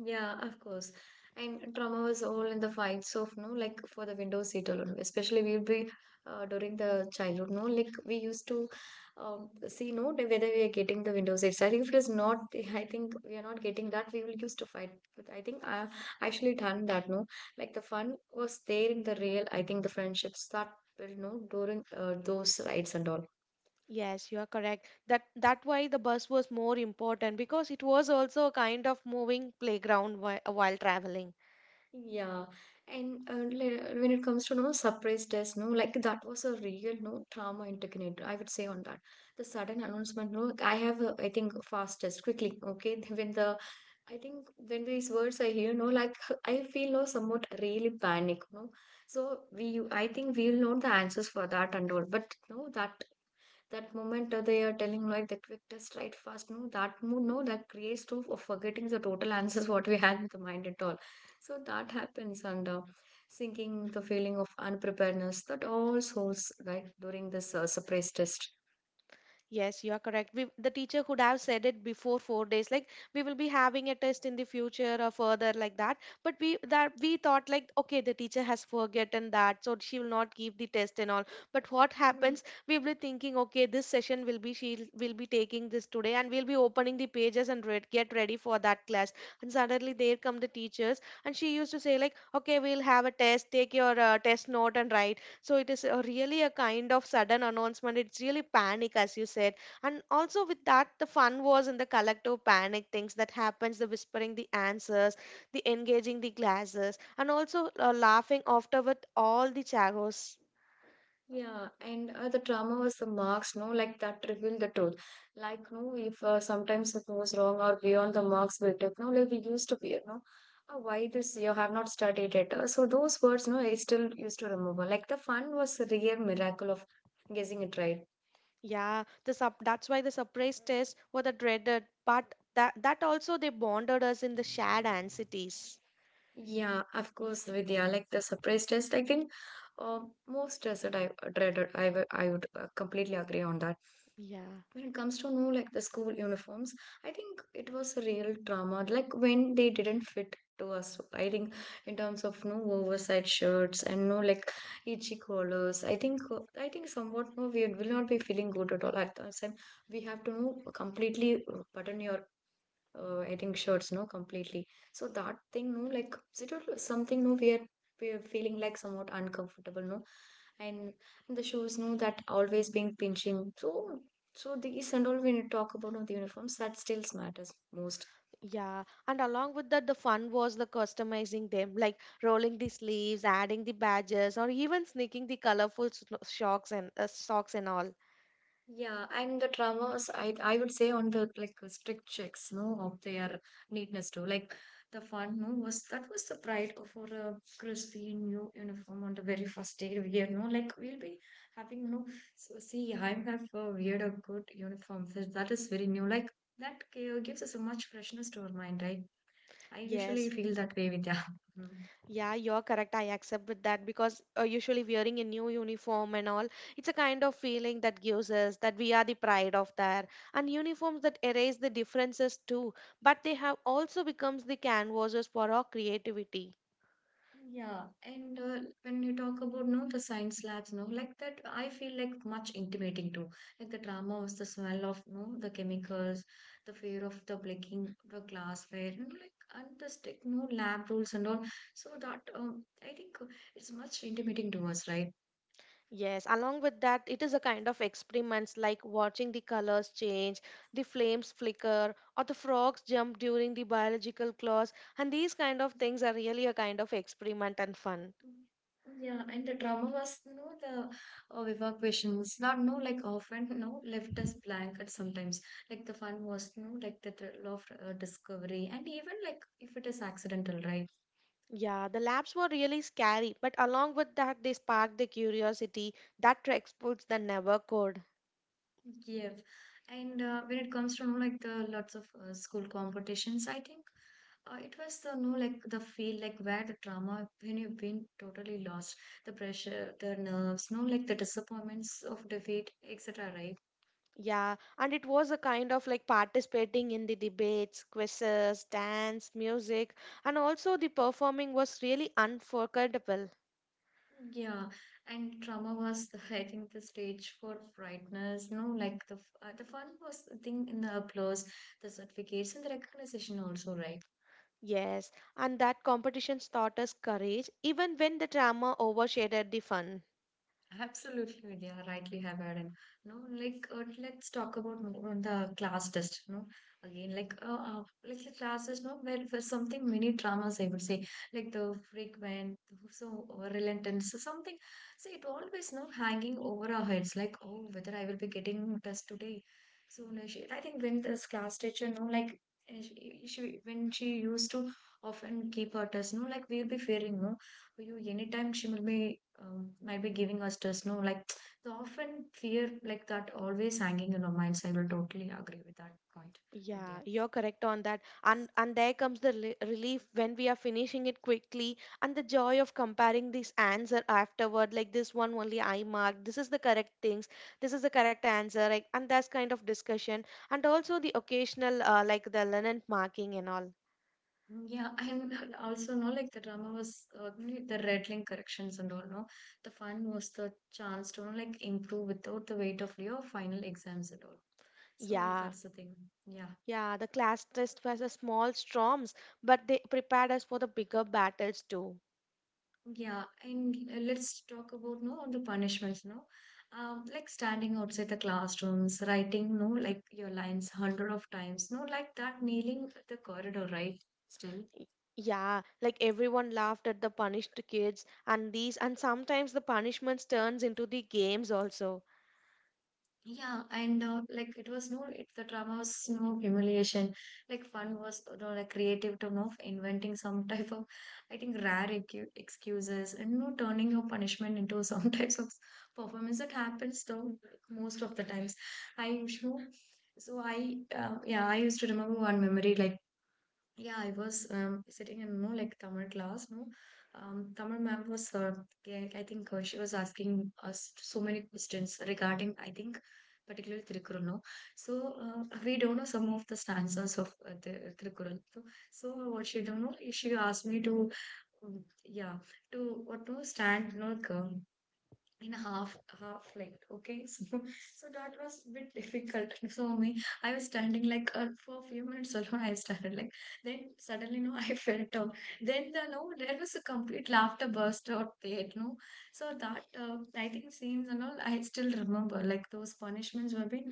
[SPEAKER 1] Yeah, of course. And trauma was all in the fights of no, like for the window seat alone. Especially we would be during the childhood, no, like we used to see no the- whether we are getting the window seats. I think if it is not, I think we are not getting that. We will used to fight. But I think I actually done that. No, like the fun was there in the real. I think the friendships that will no during those rides and all.
[SPEAKER 2] Yes, you are correct. That that why the bus was more important because it was also a kind of moving playground while traveling.
[SPEAKER 1] Yeah, and when it comes to no surprise test, no, like that was a real no trauma integrated. I would say on that the sudden announcement. No, like, I have a, I think fastest quickly. Okay, when the I think when these words I hear, no, like I feel no somewhat really panic. No, so we I think we'll know the answers for that and all. But no, that moment they are telling like the quick test right fast no that mood no that creates to of forgetting the total answers what we had in the mind at all so that happens and sinking the feeling of unpreparedness that all souls right during this surprise test.
[SPEAKER 2] Yes, you are correct. We, the teacher could have said it before four days, like we will be having a test in the future or further like that. But we that we thought like okay, the teacher has forgotten that, so she will not give the test and all. But what
[SPEAKER 1] Hmm.
[SPEAKER 2] happens? We will be thinking okay, this session will be she will be taking this today, and we'll be opening the pages and read, get ready for that class. And suddenly there come the teachers, and she used to say like okay, we'll have a test, take your test note and write, so it is a really a kind of sudden announcement. It's really panic, as you said. And also with that, the fun was in the collective panic things that happens, the whispering the answers, the engaging the glasses, and also laughing after with all the chagos.
[SPEAKER 1] Yeah, and the trauma was the marks, no, like that revealed the truth. Like, no, if sometimes it goes wrong or beyond the marks we took, no, like we used to fear, no, why this you have not studied it. So those words, no, I still used to remember. Like the fun was a real miracle of guessing it right.
[SPEAKER 2] Yeah, the that's why the surprise tests were the dreaded, but that also they bonded us in the shared anxieties.
[SPEAKER 1] Yeah, of course, Vidya, like the surprise test, I think uh, most stressed I dreaded, I would completely agree on that.
[SPEAKER 2] Yeah.
[SPEAKER 1] When it comes to know, like, the school uniforms, I think it was a real drama, like when they didn't fit to us. I think in terms of no oversized shirts and no like itchy collars, I think I think somewhat no we will not be feeling good at all at that time. We have to no, completely button your I think shirts, no, completely. So that thing, no, like it was something, no, we are feeling like somewhat uncomfortable, no, and the shoes, no, that always being pinching. So so these and all when you talk about no, the uniforms, that still matters most.
[SPEAKER 2] Yeah, and along with that, the fun was the customizing them, like rolling the sleeves, adding the badges, or even sneaking the colorful socks and all.
[SPEAKER 1] Yeah, and the traumas, I would say on the like strict checks, no, of their neatness too. Like the fun, no, was that was the pride of for a crispy new uniform on the very first day we year, no. Like we'll be having, no. So see, I have a weird a good uniform. So that is very new. Like that gives us so much freshness to our mind, right? I usually
[SPEAKER 2] Yes.
[SPEAKER 1] feel that way with yeah.
[SPEAKER 2] Yeah, you're correct. I accept with that because usually wearing a new uniform and all, it's a kind of feeling that gives us that we are the pride of that. And uniforms that erase the differences too, but they have also becomes the canvases for our creativity.
[SPEAKER 1] Yeah, and when you talk about no the science labs, no like that, I feel like much intimating too. Like the drama was the smell of no the chemicals, the fear of the breaking the glassware, and like and the strict no lab rules and all. So that I think it's much intimating to us, right?
[SPEAKER 2] Yes, along with that, it is a kind of experiments like watching the colors change, the flames flicker, or the frogs jump during the biological class. And these kind of things are really a kind of experiment and fun.
[SPEAKER 1] Mm. Yeah, and the drama was, you know, the Viva question was not, no, like often, no left us blank at sometimes. Like the fun was, no like the thrill of discovery, and even like if it is accidental, right?
[SPEAKER 2] Yeah, the labs were really scary, but along with that, they sparked the curiosity that Trex puts that never could.
[SPEAKER 1] Yeah. And when it comes to, you know, like the lots of school competitions, I think it was the, no like the feel, like where the drama, when you've been totally lost, the pressure, the nerves, no, like the disappointments of defeat, etc., right?
[SPEAKER 2] Yeah, and it was a kind of like participating in the debates, quizzes, dance, music, and also the performing was really unforgettable.
[SPEAKER 1] Yeah, and trauma was, I think, the stage for brightness. No, like the the fun was the thing in the applause, the certificates, and the recognition also, right?
[SPEAKER 2] Yes, and that competitions taught us courage even when the drama overshadowed the fun.
[SPEAKER 1] Absolutely, yeah, rightly have added. No, like let's talk about more on the class test. No, again, like the classes. No, where for something many dramas, I would say, like the frequent, so relentant, so something. So it always no hanging over our heads, like oh, whether I will be getting test today. So no, she, I think when this class teacher, no, like she when she used to often keep her test, no, like we'll be fearing, no for you anytime she will be might be giving us stress, no, like the often fear like that always hanging in our minds. I will totally agree with that point but
[SPEAKER 2] Yeah,
[SPEAKER 1] yeah.
[SPEAKER 2] you're correct on that. And there comes the relief when we are finishing it quickly and the joy of comparing this answer afterward like this one only I marked. This is the correct things. This is the correct answer like and that's kind of discussion and also the occasional like the linen marking and all.
[SPEAKER 1] Mm, yeah, and also no like the drama was the red link corrections and all, no, the fun was the chance to no, like improve without the weight of your final exams and all, so
[SPEAKER 2] Yeah.
[SPEAKER 1] that's the thing, yeah.
[SPEAKER 2] Yeah, the class test was a small storms, but they prepared us for the bigger battles too.
[SPEAKER 1] Yeah, and let's talk about no the punishments, no, like standing outside the classrooms, writing, no, like your lines hundred of times, no, like that, kneeling at the corridor, right? Still,
[SPEAKER 2] Yeah, like everyone laughed at the punished kids and these and sometimes the punishments turns into the games also.
[SPEAKER 1] yeah, and like it was no, it, the drama was no humiliation. Like fun was, you know, like creative to know inventing some type of, I think excuses and no turning your punishment into some types of performance that happens though most of the times. I, you know, so I yeah, I used to remember one memory like yeah, I was sitting in no like Tamil class, no. Tamil ma'am was, I think she was asking us so many questions regarding, I think, particularly Tirukkural, no. So we don't know some of the stanzas of the Tirukkural. So, so what she don't know, she asked me to, yeah, to what to stand, no, in half half length, okay. So, so that was a bit difficult for me. I was standing like for a few minutes alone. I started like then suddenly, no, I felt down. Then the no there was a complete laughter burst out there, no. So that I think scenes and all, I still remember like those punishments were being,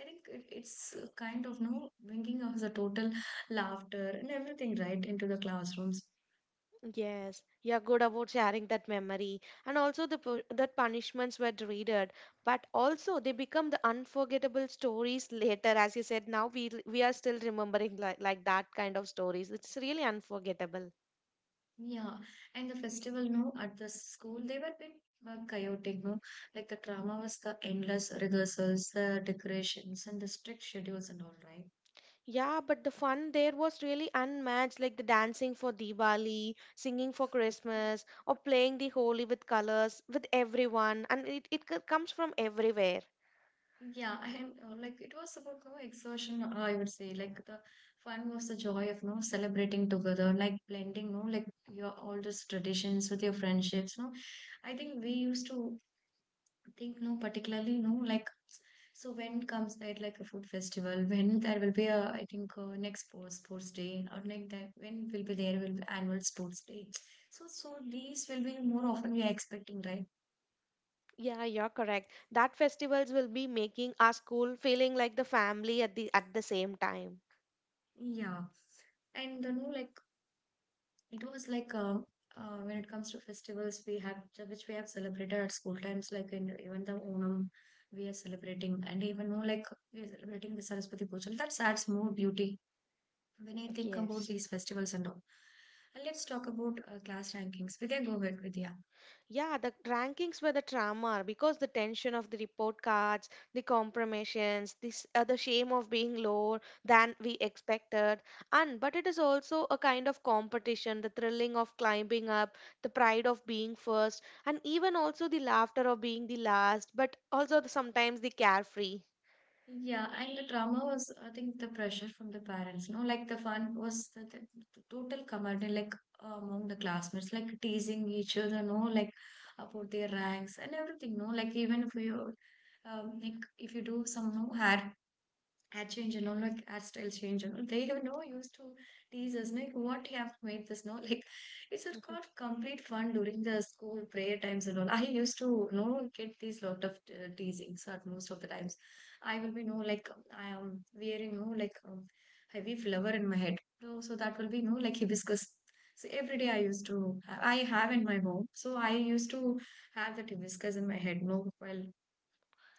[SPEAKER 1] I think it, it's kind of no bringing us a total laughter and everything right into the classrooms.
[SPEAKER 2] Yes, you're good about sharing that memory. And also the that punishments were dreaded, but also they become the unforgettable stories later. As you said, now we are still remembering like that kind of stories. It's really unforgettable.
[SPEAKER 1] Yeah, and the festival, no, at the school, they were a bit chaotic, no? Like the drama was the endless rehearsals, the decorations, and the strict schedules and all, right?
[SPEAKER 2] Yeah, but the fun there was really unmatched, like the dancing for Diwali, singing for Christmas, or playing the Holi with colors with everyone, and it comes from everywhere.
[SPEAKER 1] Yeah, and like it was about no exertion, I would say. Like the fun was the joy of no celebrating together, like blending, no, like your all these traditions with your friendships, no. I think we used to think no particularly no like so when comes that like a food festival when there will be a, I think, next sports day or like that when will be there will be annual sports day. So so these will be more often we are expecting, right?
[SPEAKER 2] Yeah, you're correct. That festivals will be making our school feeling like the family at the same time.
[SPEAKER 1] Yeah. And, you know, like it was like when it comes to festivals we have which we have celebrated at school times, like in even the Onam we are celebrating, and even more like we are celebrating the Saraswati Puja, that adds more beauty when I think about
[SPEAKER 2] Yes.
[SPEAKER 1] these festivals and all. And let's talk about class rankings. Vidya, go ahead, Vidya.
[SPEAKER 2] Yeah, the rankings were the trauma because the tension of the report cards, the compromisions, this the shame of being lower than we expected, and but it is also a kind of competition, the thrilling of climbing up, the pride of being first, and even also the laughter of being the last, but also the, sometimes the carefree.
[SPEAKER 1] Yeah, and the drama was, I think, the pressure from the parents. No, like the fun was the total camaraderie, like among the classmates, like teasing each other, no, like about their ranks and everything. No, like even if you, like if you do some no hair had change and all, like our styles change and all. They don't know used to tease us like what you have made this no like it's a got complete fun during the school prayer times and all. I used to, you know, get these lot of teasings at most of the times. I will be no like I am wearing no like heavy flower in my head. So, so that will be no like hibiscus. So every day I used to I have in my home. So I used to have that hibiscus in my head. No, well,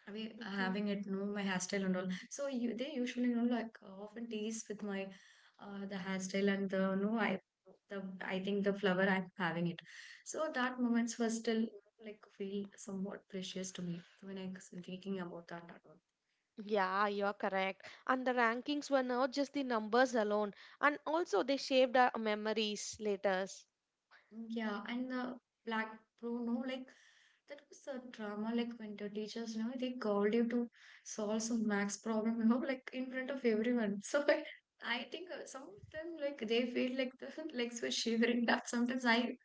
[SPEAKER 1] I mean,
[SPEAKER 2] Mhm.
[SPEAKER 1] having it, you know, my hairstyle and all. So you, they usually, you know, like often tease with my the hairstyle and the no I the I think the flower I'm having it. So that moments were still like feel somewhat precious to me. So when I was thinking about that at all.
[SPEAKER 2] Yeah, you're correct. And the rankings were not just the numbers alone, and also they shaped our memories later.
[SPEAKER 1] Yeah, and the black bro, no, like that was a drama. Like when the teachers, you know, they called you to solve some max problem, you know, like in front of everyone. So I think some of them, like they feel like the legs were shivering. That sometimes I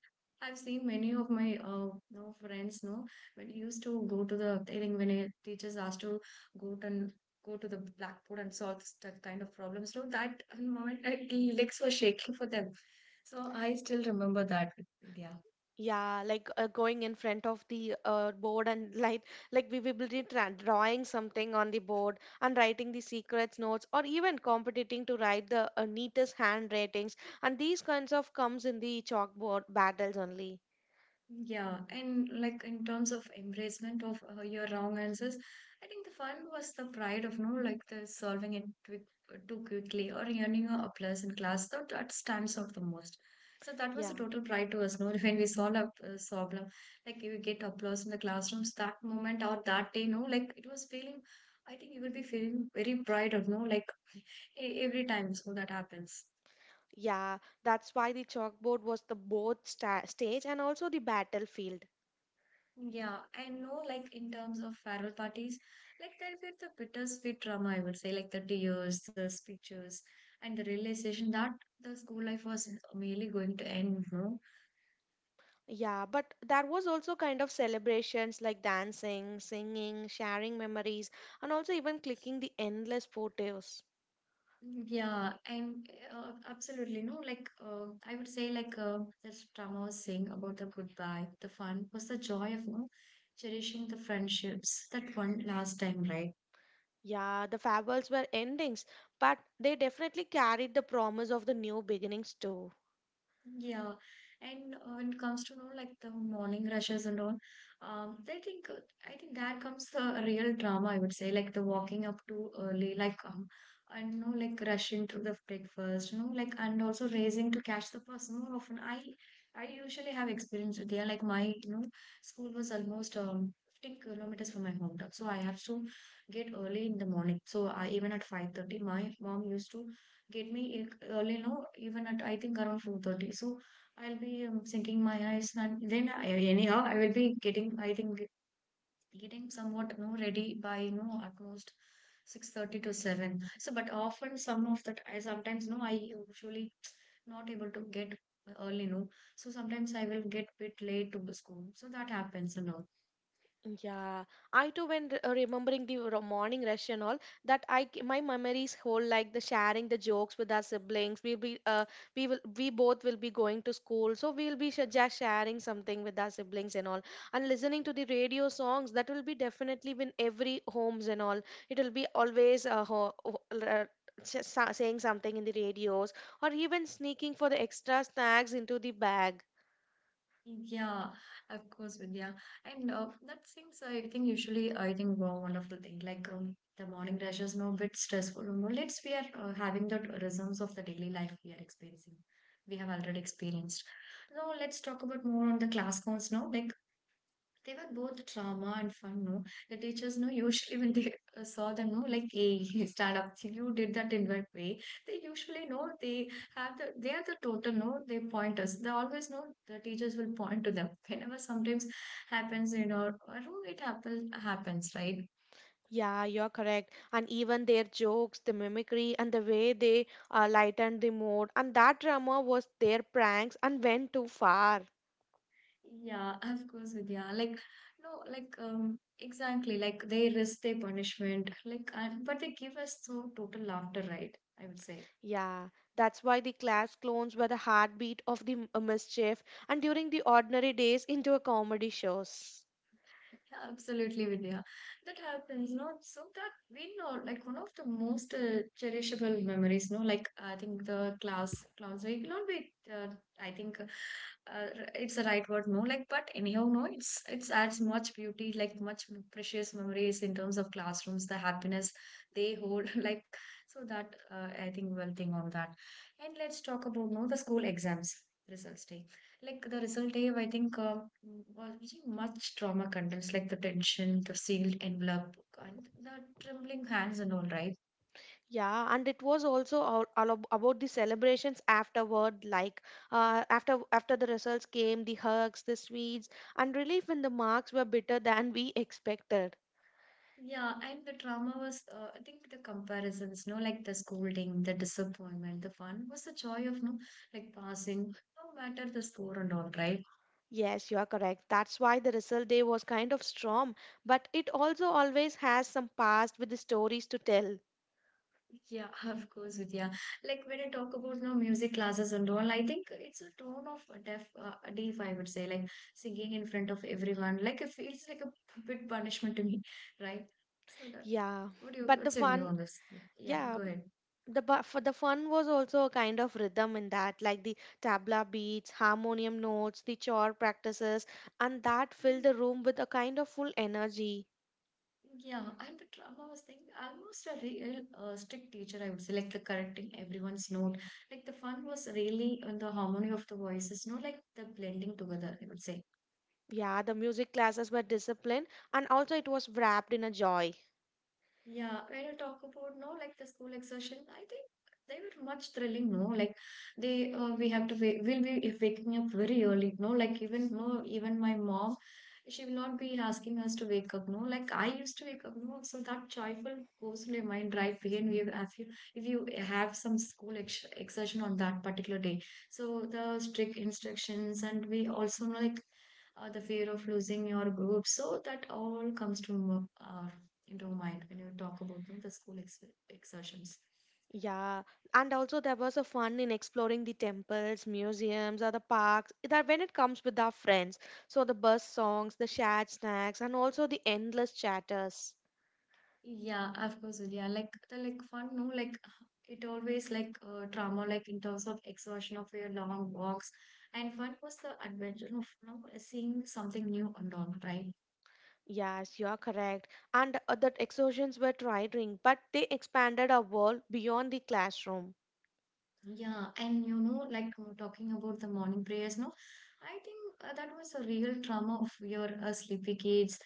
[SPEAKER 1] I've seen many of my you know, friends, no, when used to go to the, I think when a teachers asked to go to and go to the blackboard and solve that kind of problems, so that moment, I, legs were shaking for them. So I still remember that. Yeah.
[SPEAKER 2] Yeah, like going in front of the board and like we will be drawing something on the board and writing the secrets notes or even competing to write the neatest hand ratings and these kinds of comes in the chalkboard battles only.
[SPEAKER 1] Yeah, and like in terms of embracement of your wrong answers, I think the fun was the pride of no, like the solving it twi- too quickly or earning a applause in class. That that stands out the most. So that was
[SPEAKER 2] Yeah,
[SPEAKER 1] a total pride to us. No, when we solved a problem, like you get applause in the classrooms that moment or that day. No, like it was feeling. I think you will be feeling very pride of no, like every time. So that happens.
[SPEAKER 2] yeah, that's why the chalkboard was the both stage and also the battlefield.
[SPEAKER 1] Yeah, I know, like in terms of farewell parties, like there'll be the bittersweet drama, I would say, like the tears, the speeches, and the realization that the school life was merely going to end, no?
[SPEAKER 2] Yeah, but there was also kind of celebrations like dancing, singing, sharing memories, and also even clicking the endless photos.
[SPEAKER 1] Yeah, and absolutely, no, like I would say, like this drama was saying about the goodbye, the fun was the joy of, no, cherishing the friendships that one last time, right?
[SPEAKER 2] Yeah, the fables were endings, but they definitely carried the promise of the new beginnings too.
[SPEAKER 1] Yeah, and when it comes to know like the morning rushes and all, um, I think uh, I think there comes the real drama. I would say like the walking up too early, like I know like rushing through the breakfast, you know, like and also racing to catch the bus. More often, I usually have experience with there. Like my, you know, school was almost 15 km kilometers from my hometown, so I have to get early in the morning. So I, even at 5:30, my mom used to get me early, no, even at, I think, around 4:30, so I'll be sinking my eyes. And then I, anyhow, I will be getting, I think, getting somewhat, you know, ready by, you know, at most 6:30 to 7. So but often some of that, I sometimes, you know, I usually not able to get early, no. So sometimes I will get bit late to the school, so that happens a lot.
[SPEAKER 2] Yeah, I too, when remembering the morning rush and all, that my memories hold like the sharing the jokes with our siblings. We will we both will be going to school, so we'll be sh just sharing something with our siblings and all, and listening to the radio songs. That will be definitely in every homes and all. It will be always saying something in the radios or even sneaking for the extra snacks into the bag.
[SPEAKER 1] Yeah, of course, Vidya. And that seems, I think, usually, I think, one wonderful thing. Like the morning rush is now a bit stressful. No, let's we are having the rhythms of the daily life we are experiencing. We have already experienced. Now let's talk about more on the class counts now. Like they were both drama and fun, no? The teachers, no, usually when they saw them, no, like, hey, stand up, you did that in that way. They usually know they have the, they are the total, no, they point us. They always know the teachers will point to them. Whenever sometimes happens in our room, it happens, happens, right?
[SPEAKER 2] Yeah, you're correct. And even their jokes, the mimicry, and the way they lightened the mood, and that drama was their pranks and went too far.
[SPEAKER 1] Yeah, of course, Vidya. Like, no, like, exactly, like they risk their punishment, like, and, but they give us so total laughter, right? I would say.
[SPEAKER 2] Yeah, that's why the class clones were the heartbeat of the mischief and during the ordinary days into a comedy shows.
[SPEAKER 1] Yeah, absolutely, Vidya. That happens, no? So that we know, like one of the most cherishable memories, no? Like I think the class, class will not be. I think it's the right word, no? Like, but anyhow, no. It's adds much beauty, like much precious memories in terms of classrooms, the happiness they hold, like so that I think we'll think on that. And let's talk about, no, the school exams results. Like the result Dave, I think was really much trauma contents, like the tension, the sealed envelope, and the trembling hands and all, right?
[SPEAKER 2] Yeah, and it was also all about the celebrations afterward, like after the results came, the hugs, the sweets, and relief when the marks were better than we expected.
[SPEAKER 1] Yeah, and the trauma was, I think the comparisons, no, like the scolding, the disappointment, the fun was the joy of, no, like passing, no matter the score and all, right?
[SPEAKER 2] Yes, you are correct. That's why the result day was kind of strong, but it also always has some past with the stories to tell.
[SPEAKER 1] Yeah, of course, Vidya. Like when I talk about, you know, music classes and all, I think it's a tone of deaf, deaf, I would say, like singing in front of everyone. Like it feels like a bit punishment to me, right? So, that,
[SPEAKER 2] Yeah,
[SPEAKER 1] what do you,
[SPEAKER 2] but the
[SPEAKER 1] what's your view
[SPEAKER 2] fun,
[SPEAKER 1] on this? Yeah, yeah,
[SPEAKER 2] yeah,
[SPEAKER 1] go ahead.
[SPEAKER 2] the for the fun was also a kind of rhythm in that, like the tabla beats, harmonium notes, the chore practices, and that filled the room with a kind of full energy.
[SPEAKER 1] Yeah, and the drama was like almost a real strict teacher, I would say, like the correcting everyone's note. Like the fun was really in the harmony of the voices, not like the blending together, I would say.
[SPEAKER 2] Yeah, the music classes were disciplined, and also it was wrapped in a joy.
[SPEAKER 1] Yeah, when you talk about, no, like the school exertion, I think they were much thrilling. No, like they we have to we'll be if waking up very early. No, like even no, even my mom, she will not be asking us to wake up. No, like I used to wake up. No, so that joyful goes to your mind right again. We if you have some school ex exertion on that particular day, so the strict instructions and we also know like. The fear of losing your group, so that all comes to our you don't mind when you talk about them, the school exertions.
[SPEAKER 2] Yeah, and also there was a fun in exploring the temples, museums, or the parks that when it comes with our friends. So the bus songs, the shared snacks, and also the endless chatters.
[SPEAKER 1] Yeah, of course, yeah. Like the like fun, no, like it always like trauma, like in terms of exhaustion of your long walks. And fun was the adventure of, you know, seeing something new and all, right?
[SPEAKER 2] Yes, you are correct. And that exertions were tiring, but they expanded our world beyond the classroom.
[SPEAKER 1] Yeah, and you know, like talking about the morning prayers, no, I think that was a real trauma of your sleepy kids,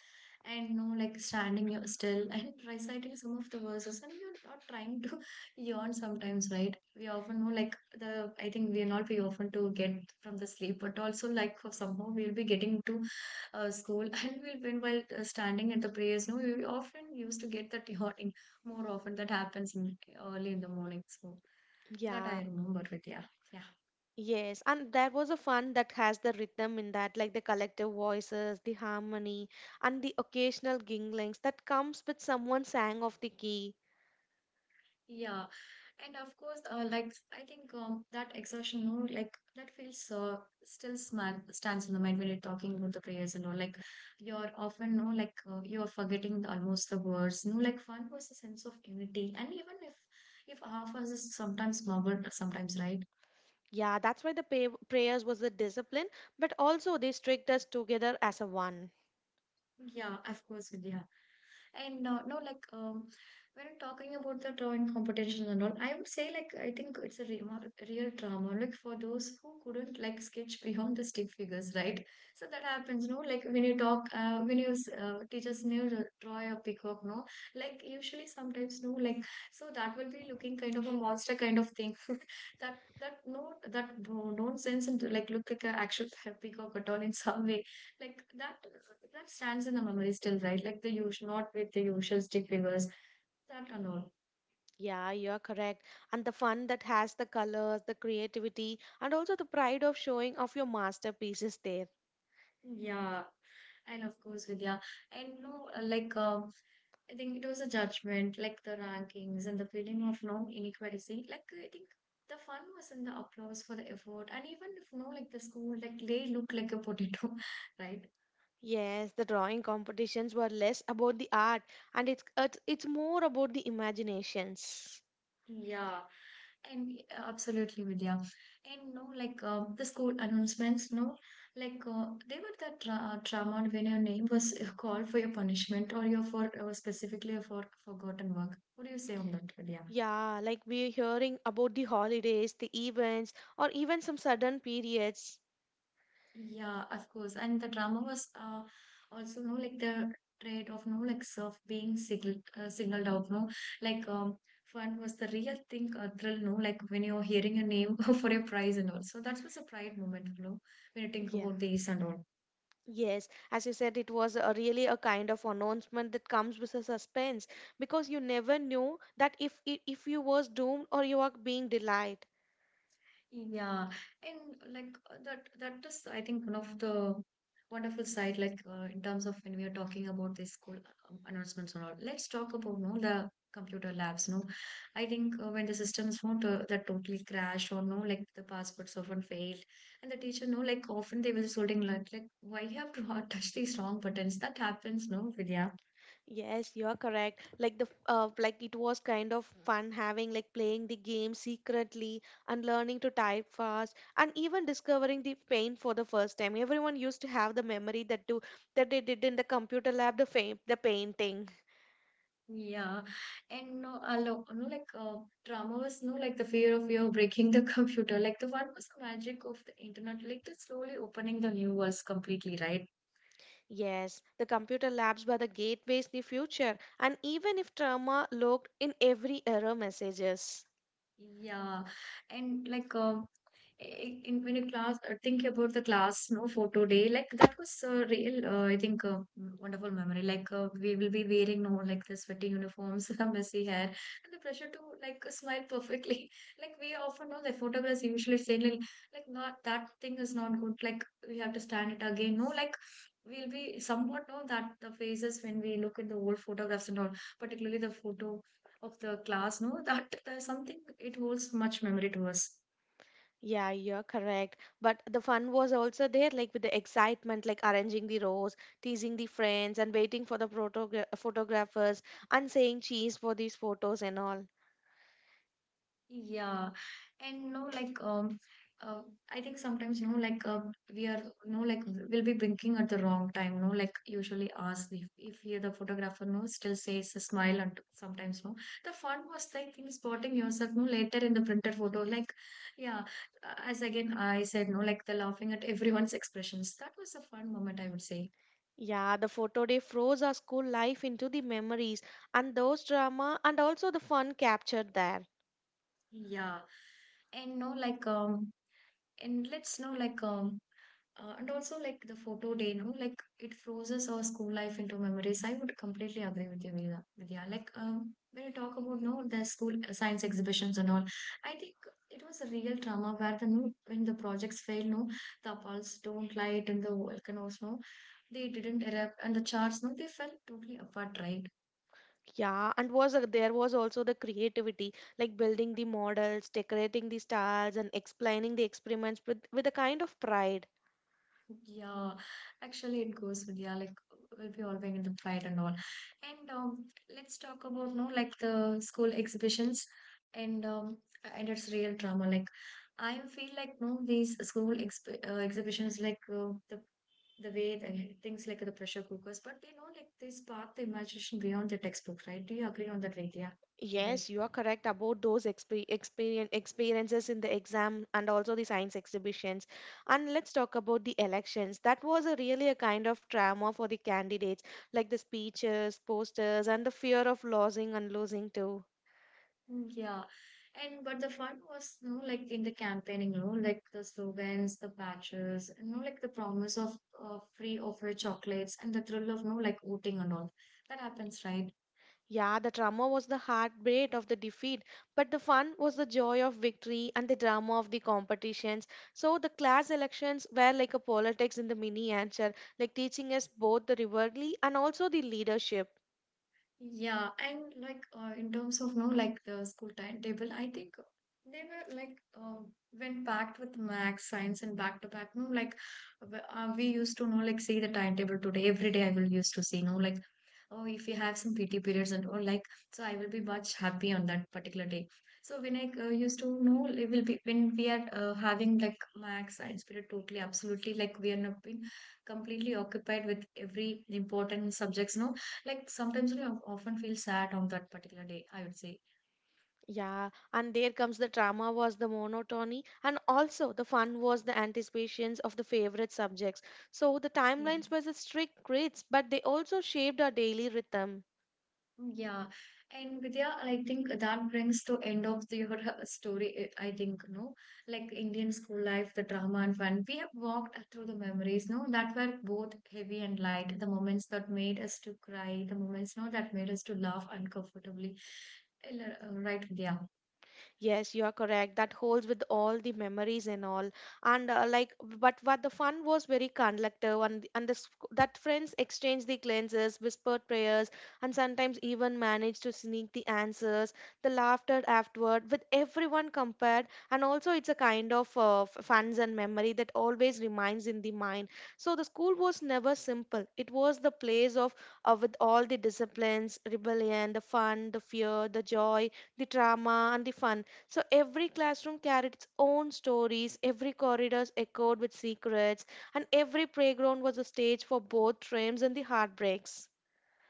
[SPEAKER 1] and no, like standing you still and reciting some of the verses, and you're not trying to yawn sometimes, right? We often know, like the I think we're not we often to get from the sleep, but also like for somehow we'll be getting to school, and we'll been while standing at the prayers, no, we often used to get that yawning more often that happens in, early in the morning, so. That
[SPEAKER 2] Yeah,
[SPEAKER 1] I remember with, yeah, yeah,
[SPEAKER 2] yes. And there was a fun that has the rhythm in that, like the collective voices, the harmony, and the occasional ginglings that comes with someone sang of the key.
[SPEAKER 1] yeah. And of course, like I think that exertion, no, like that feels still small, stands in the mind when you're talking about the prayers and all. Like you're often, no, like you are forgetting almost the words. No, like one was a sense of unity, and even if half us is sometimes murmured, sometimes right.
[SPEAKER 2] Yeah, that's why the prayers was the discipline, but also they strict us together as a one.
[SPEAKER 1] Yeah, of course, Vidya. And no, like when talking about the drawing competition and all, I would say like I think it's a real drama. Like for those who couldn't like sketch beyond the stick figures, right? So that happens, no. Like when you talk, when you teachers new draw a peacock, no. Like usually sometimes, no. Like so that will be looking kind of a monster kind of thing. That that no that no nonsense and like look like an actual peacock at all in some way, like that that stands in the memory still, right? Like the usual not with the usual stick figures, that and all.
[SPEAKER 2] Yeah, you're correct. And the fun that has the colors, the creativity, and also the pride of showing off your masterpieces there.
[SPEAKER 1] Yeah, and of course, Vidya. And no, like I think it was a judgment, like the rankings and the feeling of no inequality. Like I think the fun was in the applause for the effort, and even if no like the school, like they look like a potato, right?
[SPEAKER 2] Yes, the drawing competitions were less about the art and it's more about the imaginations.
[SPEAKER 1] Yeah. And absolutely, Vidya. And no, like the school announcements, no, like they were that tra trauma when your name was called for your punishment or your for specifically for forgotten work. What do you say on that, Vidya?
[SPEAKER 2] Yeah, like we're hearing about the holidays, the events, or even some sudden periods.
[SPEAKER 1] Yeah, of course. And the drama was also no, like the trade of no, like self being singled singled out, no, like fun was the real thing, thrill, no, like when you're hearing your name for a prize and all. So that was a pride moment, you know, when you think
[SPEAKER 2] Yeah.
[SPEAKER 1] about these and all.
[SPEAKER 2] Yes, as you said, it was a really a kind of announcement that comes with a suspense because you never knew that if you was doomed or you are being delighted.
[SPEAKER 1] Yeah, and like that that is I think one of the wonderful side, like in terms of when we are talking about the school announcements and all. Let's talk about, no, the computer labs. No, I think when the systems won't that totally crash or no like the passwords often fail, and the teacher no like often they will scolding like why you have to touch these wrong buttons, that happens, no, Vidya?
[SPEAKER 2] Yes, you are correct. Like the like it was kind of fun having like playing the game secretly and learning to type fast and even discovering the paint for the first time. Everyone used to have the memory that do that they did in the computer lab the fa the painting.
[SPEAKER 1] Yeah, and no, a lot, no, like drama was no, like the fear of you breaking the computer. Like the one was the magic of the internet, like the slowly opening the new worlds completely, right?
[SPEAKER 2] Yes, the computer labs were the gateways the future, and even if trauma lurked in every error messages.
[SPEAKER 1] Yeah, and like in when you class think about the class no photo day, like that was a real I think wonderful memory, like we will be wearing no like the sweaty uniforms, the messy hair, and the pressure to like smile perfectly. Like we often know the photographers usually say like not that thing is not good, like we have to stand it again no like we'll be somewhat know that the faces when we look at the old photographs and all, particularly the photo of the class, no that there's something it holds much memory to us.
[SPEAKER 2] Yeah, you're correct. But the fun was also there, like with the excitement, like arranging the rows, teasing the friends, and waiting for the photographers, and saying cheese for these photos and all.
[SPEAKER 1] Yeah, and no like uh, I think sometimes, you know, like we are, you know, like we'll be blinking at the wrong time, no like usually ask if we are the photographer no still says a smile and sometimes no the fun was like thing spotting yourself no later in the printed photo, like yeah, as again I said, no like the laughing at everyone's expressions, that was a fun moment, I would say.
[SPEAKER 2] Yeah, the photo day froze our school life into the memories and those drama and also the fun captured there.
[SPEAKER 1] Yeah, and no like and let's know, like, and also like the photo day, you know, like it freezes our school life into memories. I would completely agree with you, Vidya. Vidya. Like, when you talk about, no, the school science exhibitions and all, I think it was a real drama where the no, when the projects fail, no, the apples don't light, and the volcanoes, no, they didn't erupt, and the charts, no, they fell totally apart, right?
[SPEAKER 2] Yeah, and there was also the creativity, like building the models, decorating the stars, and explaining the experiments with a kind of pride.
[SPEAKER 1] Yeah, actually, it goes with yeah, like we'll be always in the pride and all. And let's talk about no like the school exhibitions and um and its real drama. Like I feel like no these school exp exhibitions, like the way the things like the pressure cookers, but they know like they spark the imagination beyond the textbook, right? Do you agree on that, Vidya?
[SPEAKER 2] Yes, you are correct about those experiences in the exam and also the science exhibitions. And let's talk about the elections. That was a really a kind of trauma for the candidates, like the speeches, posters, and the fear of losing and losing too.
[SPEAKER 1] Mm, yeah, and but the fun was, you know, like in the campaigning, you know, like the slogans, the patches, you know, like the promise of free offer chocolates and the thrill of, you know, like voting and all, that happens, right?
[SPEAKER 2] Yeah, the trauma was the heartbreak of the defeat, but the fun was the joy of victory and the drama of the competitions. So the class elections were like a politics in the mini answer, like teaching us both the rivalry and also the leadership.
[SPEAKER 1] Yeah, and like in terms of, you know, like the school timetable, I think they were like when packed with max science and back to back, no like we used to, you know, like see the timetable today every day. I will used to see, no like oh if you have some pt periods and all like so I will be much happy on that particular day. So when I used to know it will be when we are having like max science period, totally absolutely, like we are not being completely occupied with every important subjects, no like sometimes we often feel sad on that particular day, I would
[SPEAKER 2] Yeah, and there comes the drama was the monotony, and also the fun was the anticipations of the favorite subjects. So the timelines
[SPEAKER 1] say.
[SPEAKER 2] were the strict grids, but they also shaped our daily rhythm.
[SPEAKER 1] Yeah, and Vidya, I think that brings to end of the, your story. I think no, like Indian school life, the drama and fun. We have walked through the memories, no, that were both heavy and light. The moments that made us to cry, the moments no that made us to laugh uncomfortably. Right, Vidya.
[SPEAKER 2] Yes, you are correct. That holds with all the memories and all. And like, but what the fun was very collective, and that friends exchanged the glances, whispered prayers, and sometimes even managed to sneak the answers. The laughter afterward, with everyone compared, and also it's a kind of funs and memory that always remains in the mind. So the school was never simple. It was the place of with all the disciplines, rebellion, the fun, the fear, the joy, the drama, and the fun. So every classroom carried its own stories, every corridor echoed with secrets, and every playground was a stage for both triumphs and the heartbreaks.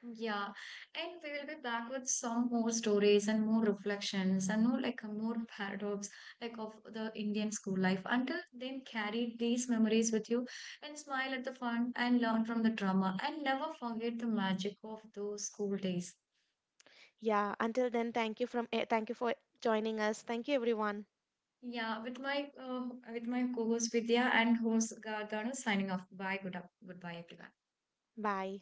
[SPEAKER 1] Yeah, and we will be back with some more stories and more reflections and more like a more paradox like of the Indian school life. Until then, carry these memories with you, and smile at the fun, and learn from the drama, and never forget the magic of those school days.
[SPEAKER 2] Yeah, until then, thank you for joining us. Thank you everyone.
[SPEAKER 1] Yeah, with my co-host Vidya and host Gardana signing off. Bye, good up, goodbye everyone.
[SPEAKER 2] Bye.